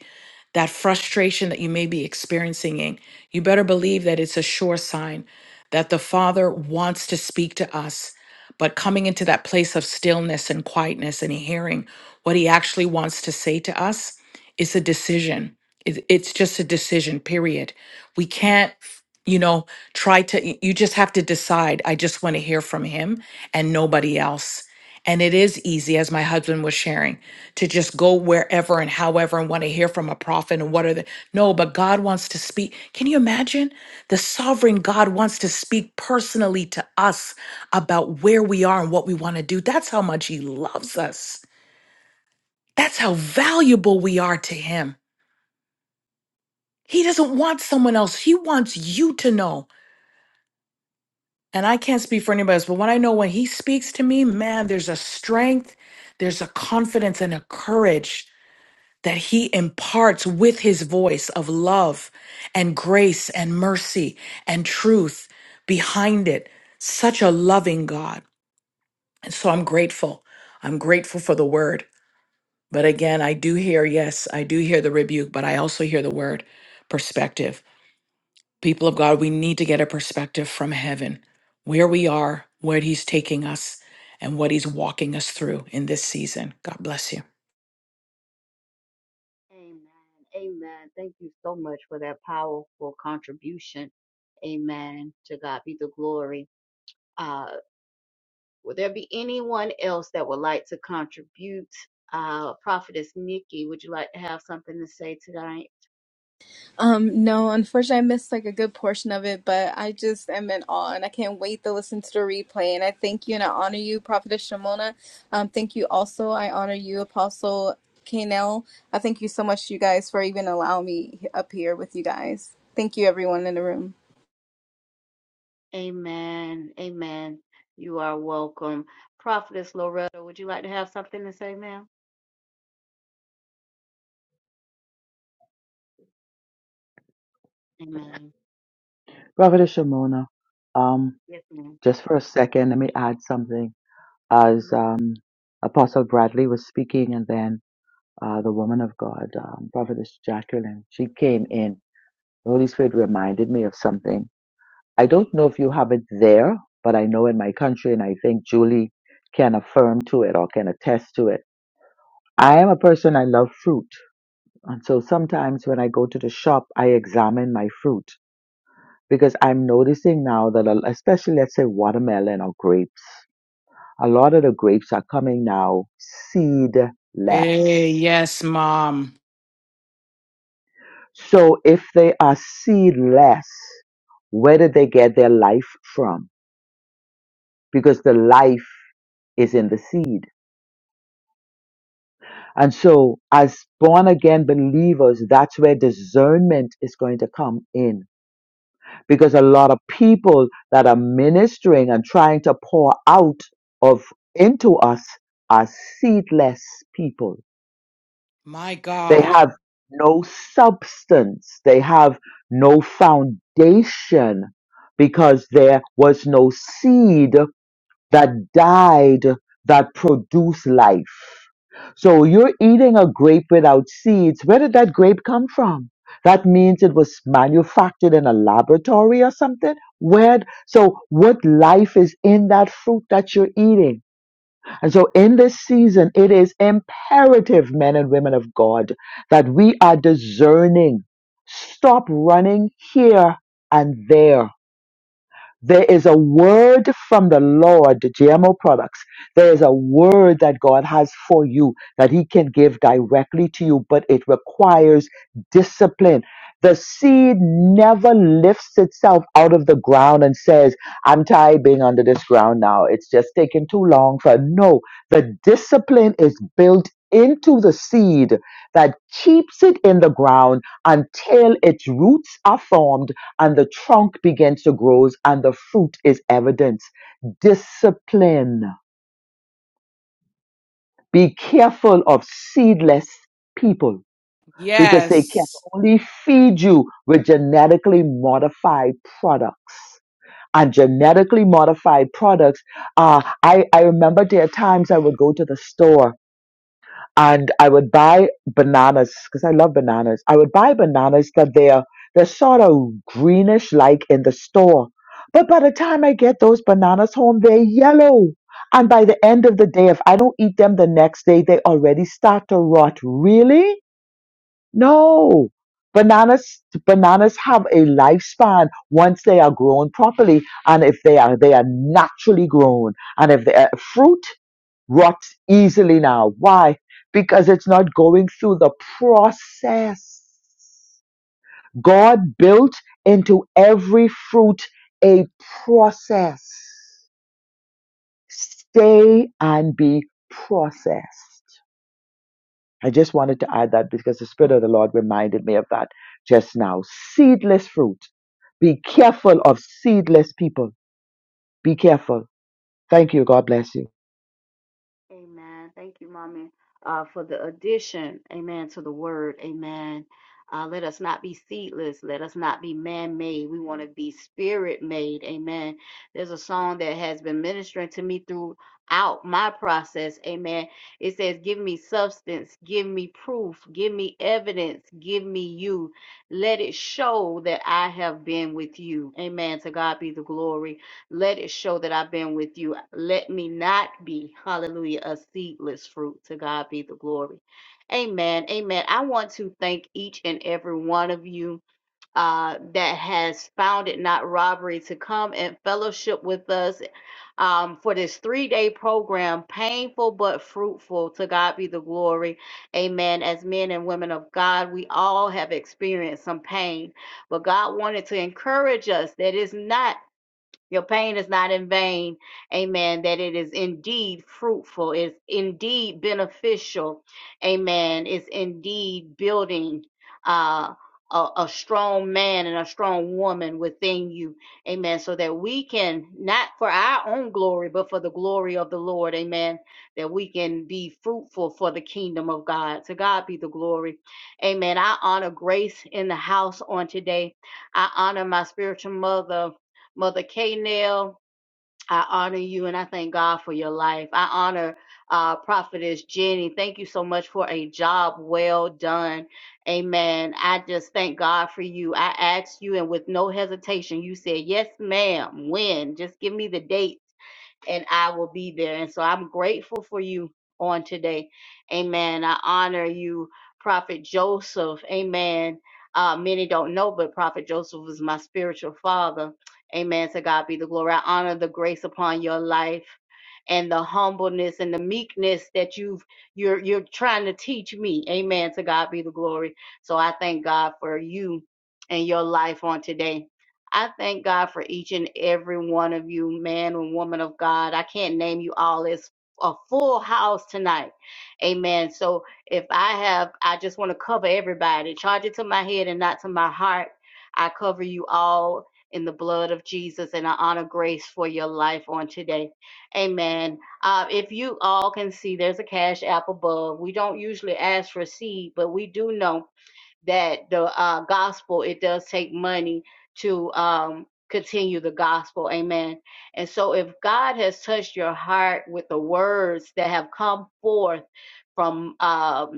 Speaker 13: that frustration that you may be experiencing, in, you better believe that it's a sure sign that the Father wants to speak to us. But coming into that place of stillness and quietness and hearing what He actually wants to say to us is a decision. It- It's just a decision, period. We can't, you know, try to, you just have to decide, I just want to hear from Him and nobody else and it is easy, as my husband was sharing, to just go wherever and however and want to hear from a prophet and what are the. No, but God wants to speak. Can you imagine? The sovereign God wants to speak personally to us about where we are and what we want to do. That's how much He loves us. That's how valuable we are to Him. He doesn't want someone else, He wants you to know. And I can't speak for anybody else, but when I know when He speaks to me, man, there's a strength, there's a confidence and a courage that he imparts with his voice of love and grace and mercy and truth behind it. Such a loving God. And so I'm grateful. I'm grateful for the word. But again, I do hear, yes, I do hear the rebuke, but I also hear the word perspective. People of God, we need to get a perspective from heaven where we are, where he's taking us, and what he's walking us through in this season. God bless you.
Speaker 1: Amen. Amen. Thank you so much for that powerful contribution. Amen. To God be the glory. Uh, will there be anyone else that would like to contribute? Uh, Prophetess Nikki, would you like to have something to say tonight?
Speaker 15: Um, no, unfortunately, I missed like a good portion of it, but I just am in awe and I can't wait to listen to the replay. And I thank you and I honor you, Prophetess Shimona. Um, thank you also. I honor you, Apostle Kanell. I thank you so much, you guys, for even allowing me up here with you guys. Thank you, everyone in the room.
Speaker 1: Amen. Amen. You are welcome. Prophetess Loretta, would you like to have something to say, ma'am? Amen.
Speaker 6: Prophetess Shimona, um,
Speaker 1: Yes, madam
Speaker 6: just for a second, let me add something. As um, Apostle Bradley was speaking, and then uh, the woman of God, um, Prophetess Jacqueline, she came in. The Holy Spirit reminded me of something. I don't know if you have it there, but I know in my country, and I think Julie can affirm to it or can attest to it. I am a person, I love fruit. And so sometimes when I go to the shop, I examine my fruit because I'm noticing now that, a- especially let's say watermelon or grapes, a lot of the grapes are coming now seedless.
Speaker 13: Hey, yes, mom.
Speaker 6: So if they are seedless, where did they get their life from? Because the life is in the seed And so, as born again believers, that's where discernment is going to come in. Because a lot of people that are ministering and trying to pour out of into us are seedless people.
Speaker 13: My
Speaker 6: They
Speaker 13: God.
Speaker 6: have no substance. They have no foundation because there was no seed that died that produce life. So you're eating a grape without seeds. Where did that grape come from? That means it was manufactured in a laboratory or something. Where? So what life is in that fruit that you're eating? And so in this season, it is imperative, men and women of God, that we are discerning. Stop running here and there there is a word from the Lord, the GMO products. There is a word that God has for you that He can give directly to you, but it requires discipline. The seed never lifts itself out of the ground and says, I'm tired being under this ground now. It's just taking too long for no. The discipline is built into the seed that keeps it in the ground until its roots are formed and the trunk begins to grow and the fruit is evidence. Discipline. Be careful of seedless people because they can
Speaker 13: Yes.
Speaker 6: only feed you with genetically modified products. And genetically modified products, uh, I, I remember there are times I would go to the store and I would buy bananas because I love bananas. I would buy bananas that they're they're sort of greenish like in the store, but by the time I get those bananas home, they're yellow. And by the end of the day, if I don't eat them the next day, they already start to rot. Really? No. Bananas bananas have a lifespan once they are grown properly, and if they are they are naturally grown, and if they are fruit rots easily now. Why? Because it's not going through the process. God built into every fruit a process. Stay and be processed. I just wanted to add that because the Spirit of the Lord reminded me of that just now. Seedless fruit. Be careful of seedless people. Be careful. Thank you. God bless you.
Speaker 1: Amen. Thank you, Mommy, uh, for the addition, amen, to the word, amen. Uh, let us not be seedless. Let us not be man made. We want to be spirit made, amen. There's a song that has been ministering to me throughout my process, amen. It says, Give me substance, give me proof, give me evidence, give me you. Let it show that I have been with you, amen. To God be the glory. Let it show that I've been with you. Let me not be, hallelujah, a seedless fruit. To God be the glory. Amen. Amen. I want to thank each and every one of you uh, that has found it not robbery to come and fellowship with us um, for this three day program, painful but fruitful. To God be the glory. Amen. As men and women of God, we all have experienced some pain, but God wanted to encourage us that it's not. Your pain is not in vain. Amen. That it is indeed fruitful, it's indeed beneficial. Amen. It's indeed building uh, a, a strong man and a strong woman within you. Amen. So that we can, not for our own glory, but for the glory of the Lord. Amen. That we can be fruitful for the kingdom of God. To God be the glory. Amen. I honor grace in the house on today. I honor my spiritual mother. Mother K. Nell, I honor you and I thank God for your life. I honor uh, Prophetess Jenny. Thank you so much for a job well done. Amen. I just thank God for you. I asked you, and with no hesitation, you said, Yes, ma'am. When? Just give me the date and I will be there. And so I'm grateful for you on today. Amen. I honor you, Prophet Joseph. Amen. Uh, many don't know, but Prophet Joseph was my spiritual father. Amen. To God be the glory. I honor the grace upon your life and the humbleness and the meekness that you've you're you're trying to teach me. Amen. To God be the glory. So I thank God for you and your life on today. I thank God for each and every one of you, man and woman of God. I can't name you all. It's a full house tonight. Amen. So if I have, I just want to cover everybody. Charge it to my head and not to my heart. I cover you all in the blood of Jesus and I honor grace for your life on today. Amen. Uh, if you all can see, there's a cash app above. We don't usually ask for seed, but we do know that the uh, gospel it does take money to um, continue the gospel amen and so if god has touched your heart with the words that have come forth from um,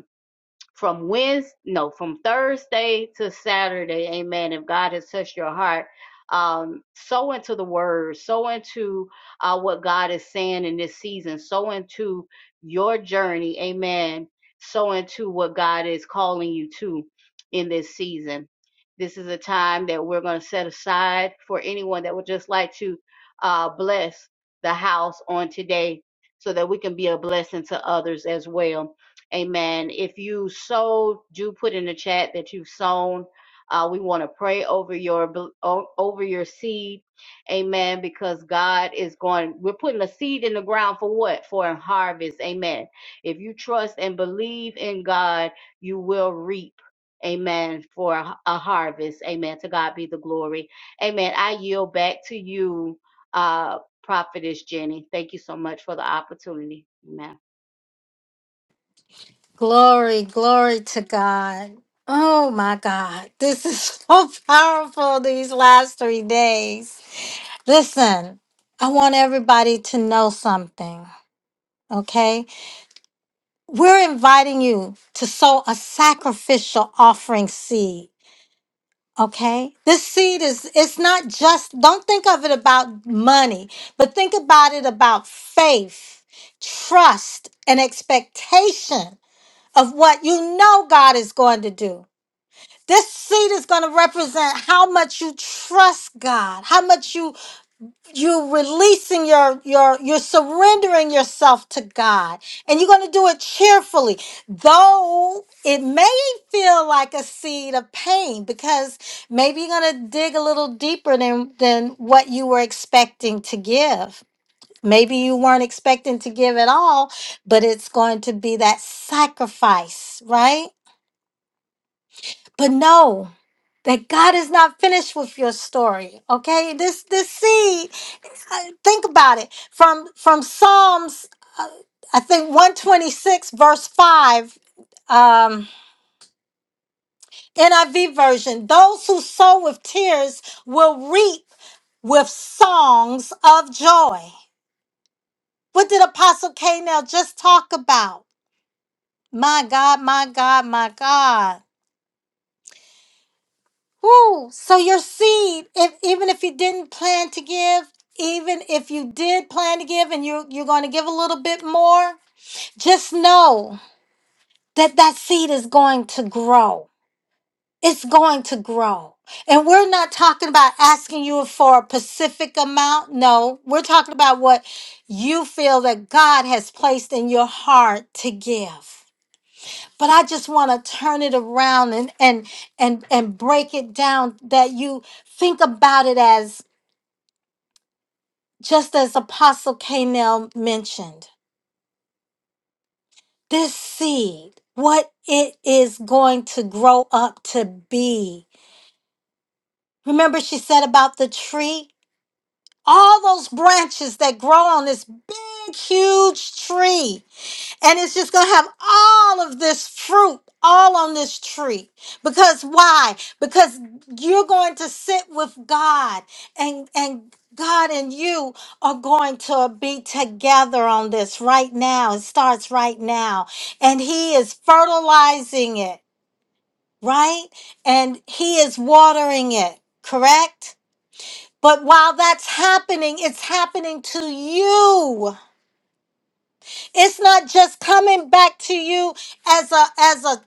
Speaker 1: from Wednesday, no, from Thursday to Saturday, amen. If God has touched your heart, um, sow into the word, sow into uh, what God is saying in this season, sow into your journey, amen. Sow into what God is calling you to in this season. This is a time that we're going to set aside for anyone that would just like to uh, bless the house on today so that we can be a blessing to others as well. Amen. If you sow, do put in the chat that you've sown. Uh, we want to pray over your over your seed, Amen. Because God is going. We're putting a seed in the ground for what? For a harvest, Amen. If you trust and believe in God, you will reap. Amen. For a a harvest. Amen. To God be the glory. Amen. I yield back to you, uh, Prophetess Jenny. Thank you so much for the opportunity. Amen.
Speaker 4: Glory, glory to God. Oh my God, this is so powerful these last three days. Listen, I want everybody to know something, okay? We're inviting you to sow a sacrificial offering seed. Okay? This seed is it's not just don't think of it about money, but think about it about faith, trust, and expectation of what you know God is going to do. This seed is going to represent how much you trust God, how much you you releasing your your you're surrendering yourself to God and you're going to do it cheerfully though it may feel like a seed of pain because maybe you're going to dig a little deeper than than what you were expecting to give maybe you weren't expecting to give at all but it's going to be that sacrifice right but no that God is not finished with your story okay this this seed I- think about it from from psalms uh, i think 126 verse 5 um niv version those who sow with tears will reap with songs of joy what did apostle k now just talk about my god my god my god Woo! so your seed if even if you didn't plan to give even if you did plan to give and you you're going to give a little bit more just know that that seed is going to grow. It's going to grow. And we're not talking about asking you for a specific amount. No, we're talking about what you feel that God has placed in your heart to give. But I just want to turn it around and and and and break it down that you think about it as just as Apostle Canel mentioned. This seed, what it is going to grow up to be Remember, she said about the tree? All those branches that grow on this big, huge tree. And it's just going to have all of this fruit all on this tree. Because why? Because you're going to sit with God and, and God and you are going to be together on this right now. It starts right now. And He is fertilizing it, right? And He is watering it, correct? But while that's happening, it's happening to you. It's not just coming back to you as a as a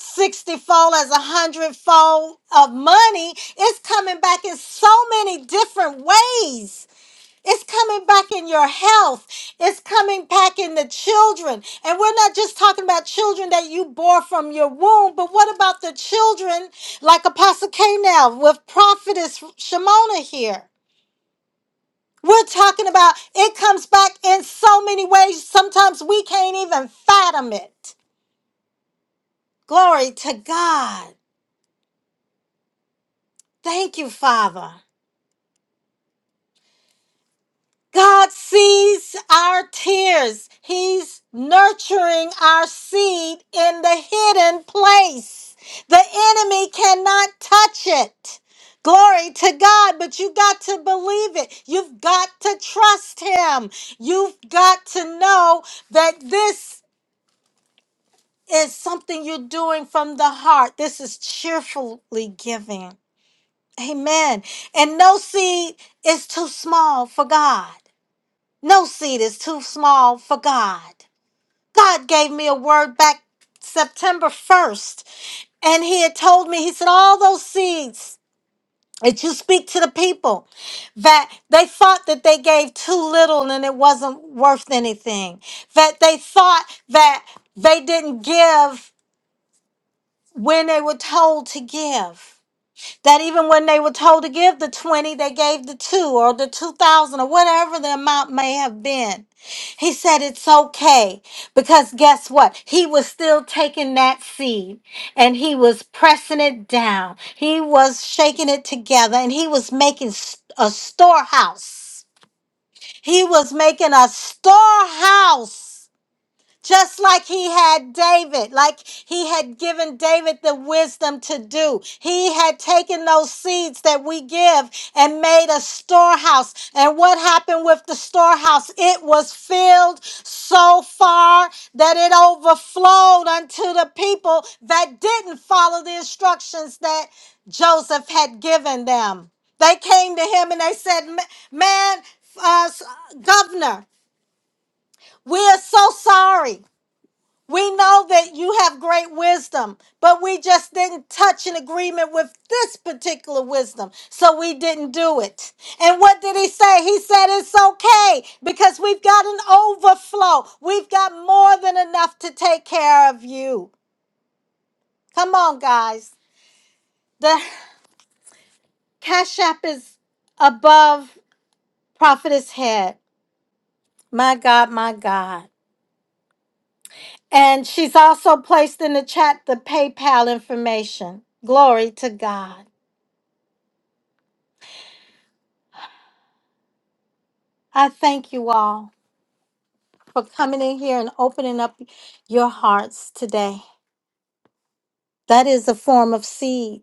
Speaker 4: 60 fold, as a hundred fold of money. It's coming back in so many different ways. It's coming back in your health. It's coming back in the children. And we're not just talking about children that you bore from your womb, but what about the children like Apostle K now with Prophetess Shimona here? We're talking about it comes back in so many ways. Sometimes we can't even fathom it. Glory to God. Thank you, Father. God sees our tears. He's nurturing our seed in the hidden place. The enemy cannot touch it. Glory to God, but you got to believe it. You've got to trust Him. You've got to know that this. It's something you're doing from the heart. This is cheerfully giving. Amen. And no seed is too small for God. No seed is too small for God. God gave me a word back September 1st, and He had told me, He said, All those seeds that you speak to the people, that they thought that they gave too little and it wasn't worth anything, that they thought that they didn't give. when they were told to give. That even when they were told to give the 20, they gave the 2 or the 2,000 or whatever the amount may have been. He said it's okay because guess what? He was still taking that seed and he was pressing it down. He was shaking it together and he was making s- a storehouse. He was making a storehouse just like he had David, like he had given David the wisdom to do. He had taken those seeds that we give and made a storehouse. And what happened with the storehouse? It was filled so far that it overflowed unto the people that didn't follow the instructions that Joseph had given them. They came to him and they said, "Ma- Man, uh, governor, we are so sorry. We know that you have great wisdom, but we just didn't touch an agreement with this particular wisdom. So we didn't do it. And what did he say? He said it's okay because we've got an overflow. We've got more than enough to take care of you. Come on, guys. The Cash App is above Prophetess head. My God, my God. And she's also placed in the chat the PayPal information. Glory to God. I thank you all for coming in here and opening up your hearts today. That is a form of seed.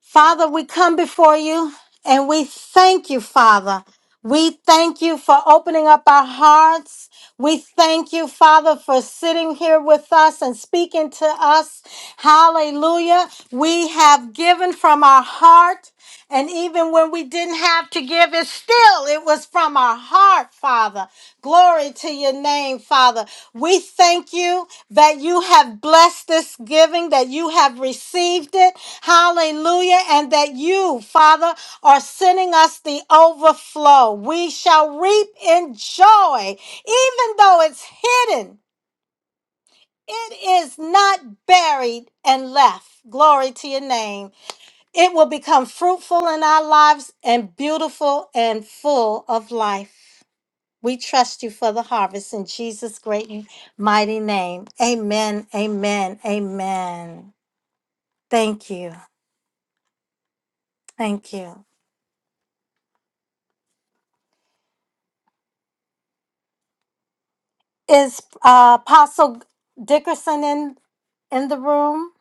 Speaker 4: Father, we come before you and we thank you, Father. We thank you for opening up our hearts. We thank you, Father, for sitting here with us and speaking to us. Hallelujah. We have given from our heart. And even when we didn't have to give it, still it was from our heart, Father. Glory to your name, Father. We thank you that you have blessed this giving, that you have received it. Hallelujah. And that you, Father, are sending us the overflow. We shall reap in joy, even though it's hidden, it is not buried and left. Glory to your name. It will become fruitful in our lives and beautiful and full of life. We trust you for the harvest in Jesus' great and mighty name. Amen. Amen. Amen. Thank you. Thank you. Is uh, Apostle Dickerson in in the room?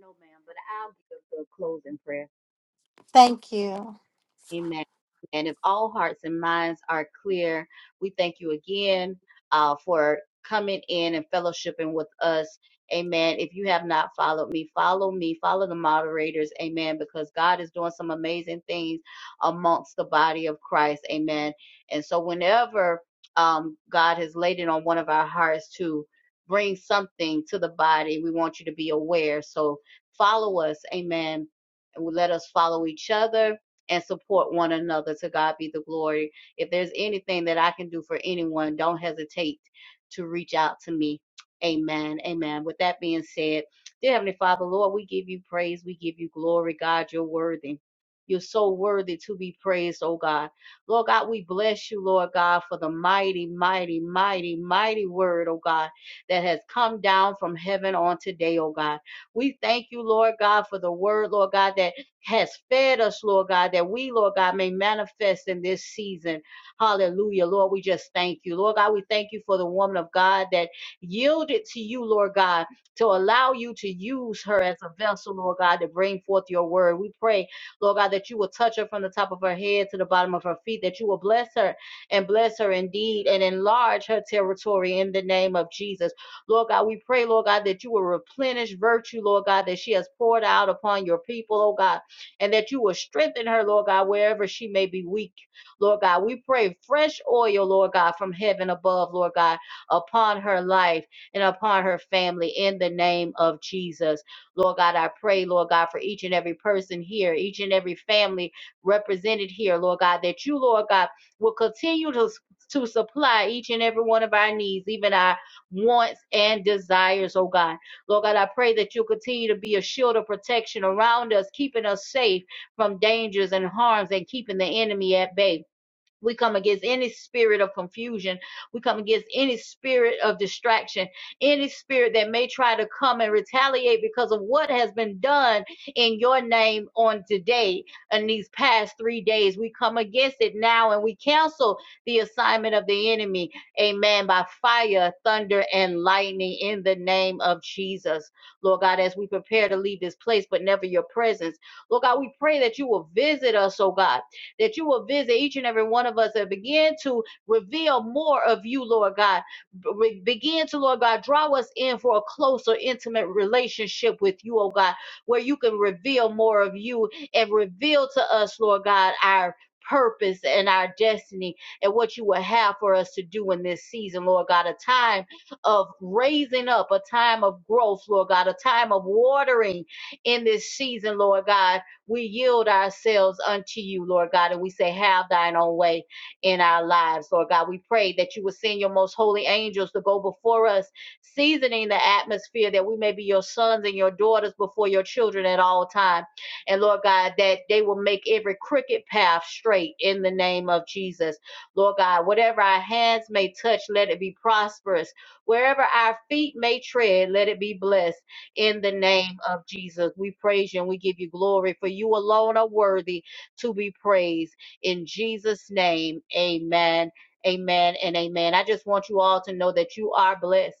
Speaker 1: No, ma'am, but I'll give the closing prayer.
Speaker 4: Thank you.
Speaker 1: Amen. And if all hearts and minds are clear, we thank you again uh, for coming in and fellowshipping with us. Amen. If you have not followed me, follow me, follow the moderators. Amen. Because God is doing some amazing things amongst the body of Christ. Amen. And so, whenever um, God has laid it on one of our hearts to bring something to the body, we want you to be aware. So, follow us. Amen. And let us follow each other and support one another. To God be the glory. If there's anything that I can do for anyone, don't hesitate to reach out to me. Amen. Amen. With that being said, dear Heavenly Father, Lord, we give you praise. We give you glory. God, you're worthy. You're so worthy to be praised, oh God. Lord God, we bless you, Lord God, for the mighty, mighty, mighty, mighty word, oh God, that has come down from heaven on today, oh God. We thank you, Lord God, for the word, Lord God, that has fed us, Lord God, that we, Lord God, may manifest in this season. Hallelujah. Lord, we just thank you. Lord God, we thank you for the woman of God that yielded to you, Lord God, to allow you to use her as a vessel, Lord God, to bring forth your word. We pray, Lord God, that you will touch her from the top of her head to the bottom of her feet, that you will bless her and bless her indeed and enlarge her territory in the name of Jesus. Lord God, we pray, Lord God, that you will replenish virtue, Lord God, that she has poured out upon your people, oh God and that you will strengthen her, Lord God, wherever she may be weak. Lord God, we pray fresh oil, Lord God, from heaven above, Lord God, upon her life and upon her family in the name of Jesus. Lord God, I pray, Lord God, for each and every person here, each and every family represented here, Lord God, that you, Lord God, will continue to, to supply each and every one of our needs, even our wants and desires, oh God. Lord God, I pray that you continue to be a shield of protection around us, keeping us safe from dangers and harms and keeping the enemy at bay. We come against any spirit of confusion. We come against any spirit of distraction, any spirit that may try to come and retaliate because of what has been done in your name on today and these past three days. We come against it now and we cancel the assignment of the enemy. Amen. By fire, thunder, and lightning in the name of Jesus. Lord God, as we prepare to leave this place, but never your presence. Lord God, we pray that you will visit us, oh God that you will visit each and every one of us and begin to reveal more of you, Lord God. Be- begin to, Lord God, draw us in for a closer, intimate relationship with you, oh God, where you can reveal more of you and reveal to us, Lord God, our purpose and our destiny and what you will have for us to do in this season, Lord God, a time of raising up, a time of growth, Lord God, a time of watering in this season, Lord God we yield ourselves unto you, Lord God, and we say, Have thine own way in our lives, Lord God. We pray that you would send your most holy angels to go before us, seasoning the atmosphere that we may be your sons and your daughters before your children at all time. And Lord God, that they will make every crooked path straight in the name of Jesus. Lord God, whatever our hands may touch, let it be prosperous. Wherever our feet may tread, let it be blessed in the name of Jesus. We praise you and we give you glory, for you alone are worthy to be praised. In Jesus' name, amen. Amen and amen. I just want you all to know that you are blessed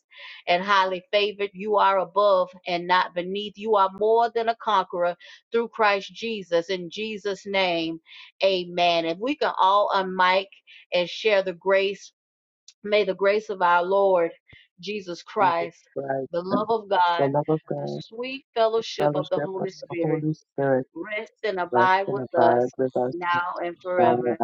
Speaker 1: and highly favored. You are above and not beneath. You are more than a conqueror through Christ Jesus. In Jesus' name, amen. If we can all unmic and share the grace May the grace of our Lord Jesus Christ, the love of God, the sweet fellowship of the Holy Spirit rest and abide with us now and forever.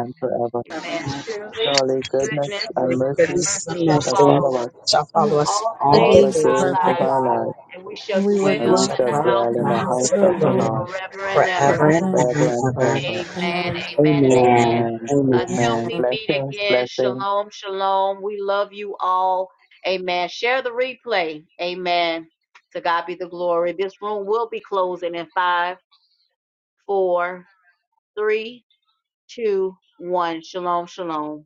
Speaker 1: Amen. Surely goodness
Speaker 16: Surely
Speaker 1: and
Speaker 16: goodness
Speaker 1: mercy
Speaker 16: and
Speaker 1: shall
Speaker 16: mercy
Speaker 1: follow us
Speaker 16: shall
Speaker 15: for
Speaker 16: follow
Speaker 15: all
Speaker 16: us
Speaker 1: all the
Speaker 15: the
Speaker 16: all
Speaker 1: days
Speaker 16: the
Speaker 1: of
Speaker 15: days of
Speaker 1: our
Speaker 16: days
Speaker 15: our
Speaker 16: of our
Speaker 1: lives,
Speaker 15: life,
Speaker 16: lives,
Speaker 1: and we shall
Speaker 15: and we
Speaker 1: dwell
Speaker 15: will
Speaker 16: and we
Speaker 15: dwell
Speaker 16: shall
Speaker 1: in
Speaker 15: in
Speaker 1: the
Speaker 16: dwell
Speaker 1: house
Speaker 16: in
Speaker 1: of
Speaker 15: the
Speaker 16: the
Speaker 1: the
Speaker 15: house of
Speaker 16: house
Speaker 1: Lord
Speaker 16: of
Speaker 15: the
Speaker 16: the
Speaker 15: Lord
Speaker 16: Lord
Speaker 1: forever and
Speaker 16: forever
Speaker 1: ever.
Speaker 16: and
Speaker 15: forever
Speaker 16: ever and ever.
Speaker 1: Amen,
Speaker 15: and
Speaker 17: Amen.
Speaker 15: ever.
Speaker 1: amen, and amen.
Speaker 16: Amen.
Speaker 17: Amen.
Speaker 16: Amen.
Speaker 1: Until
Speaker 15: Amen.
Speaker 1: we meet again, shalom, shalom. We love you all. Amen. Share the replay. Amen. To God be the glory. This room will be closing in five, four, three, two, one. Shalom, shalom.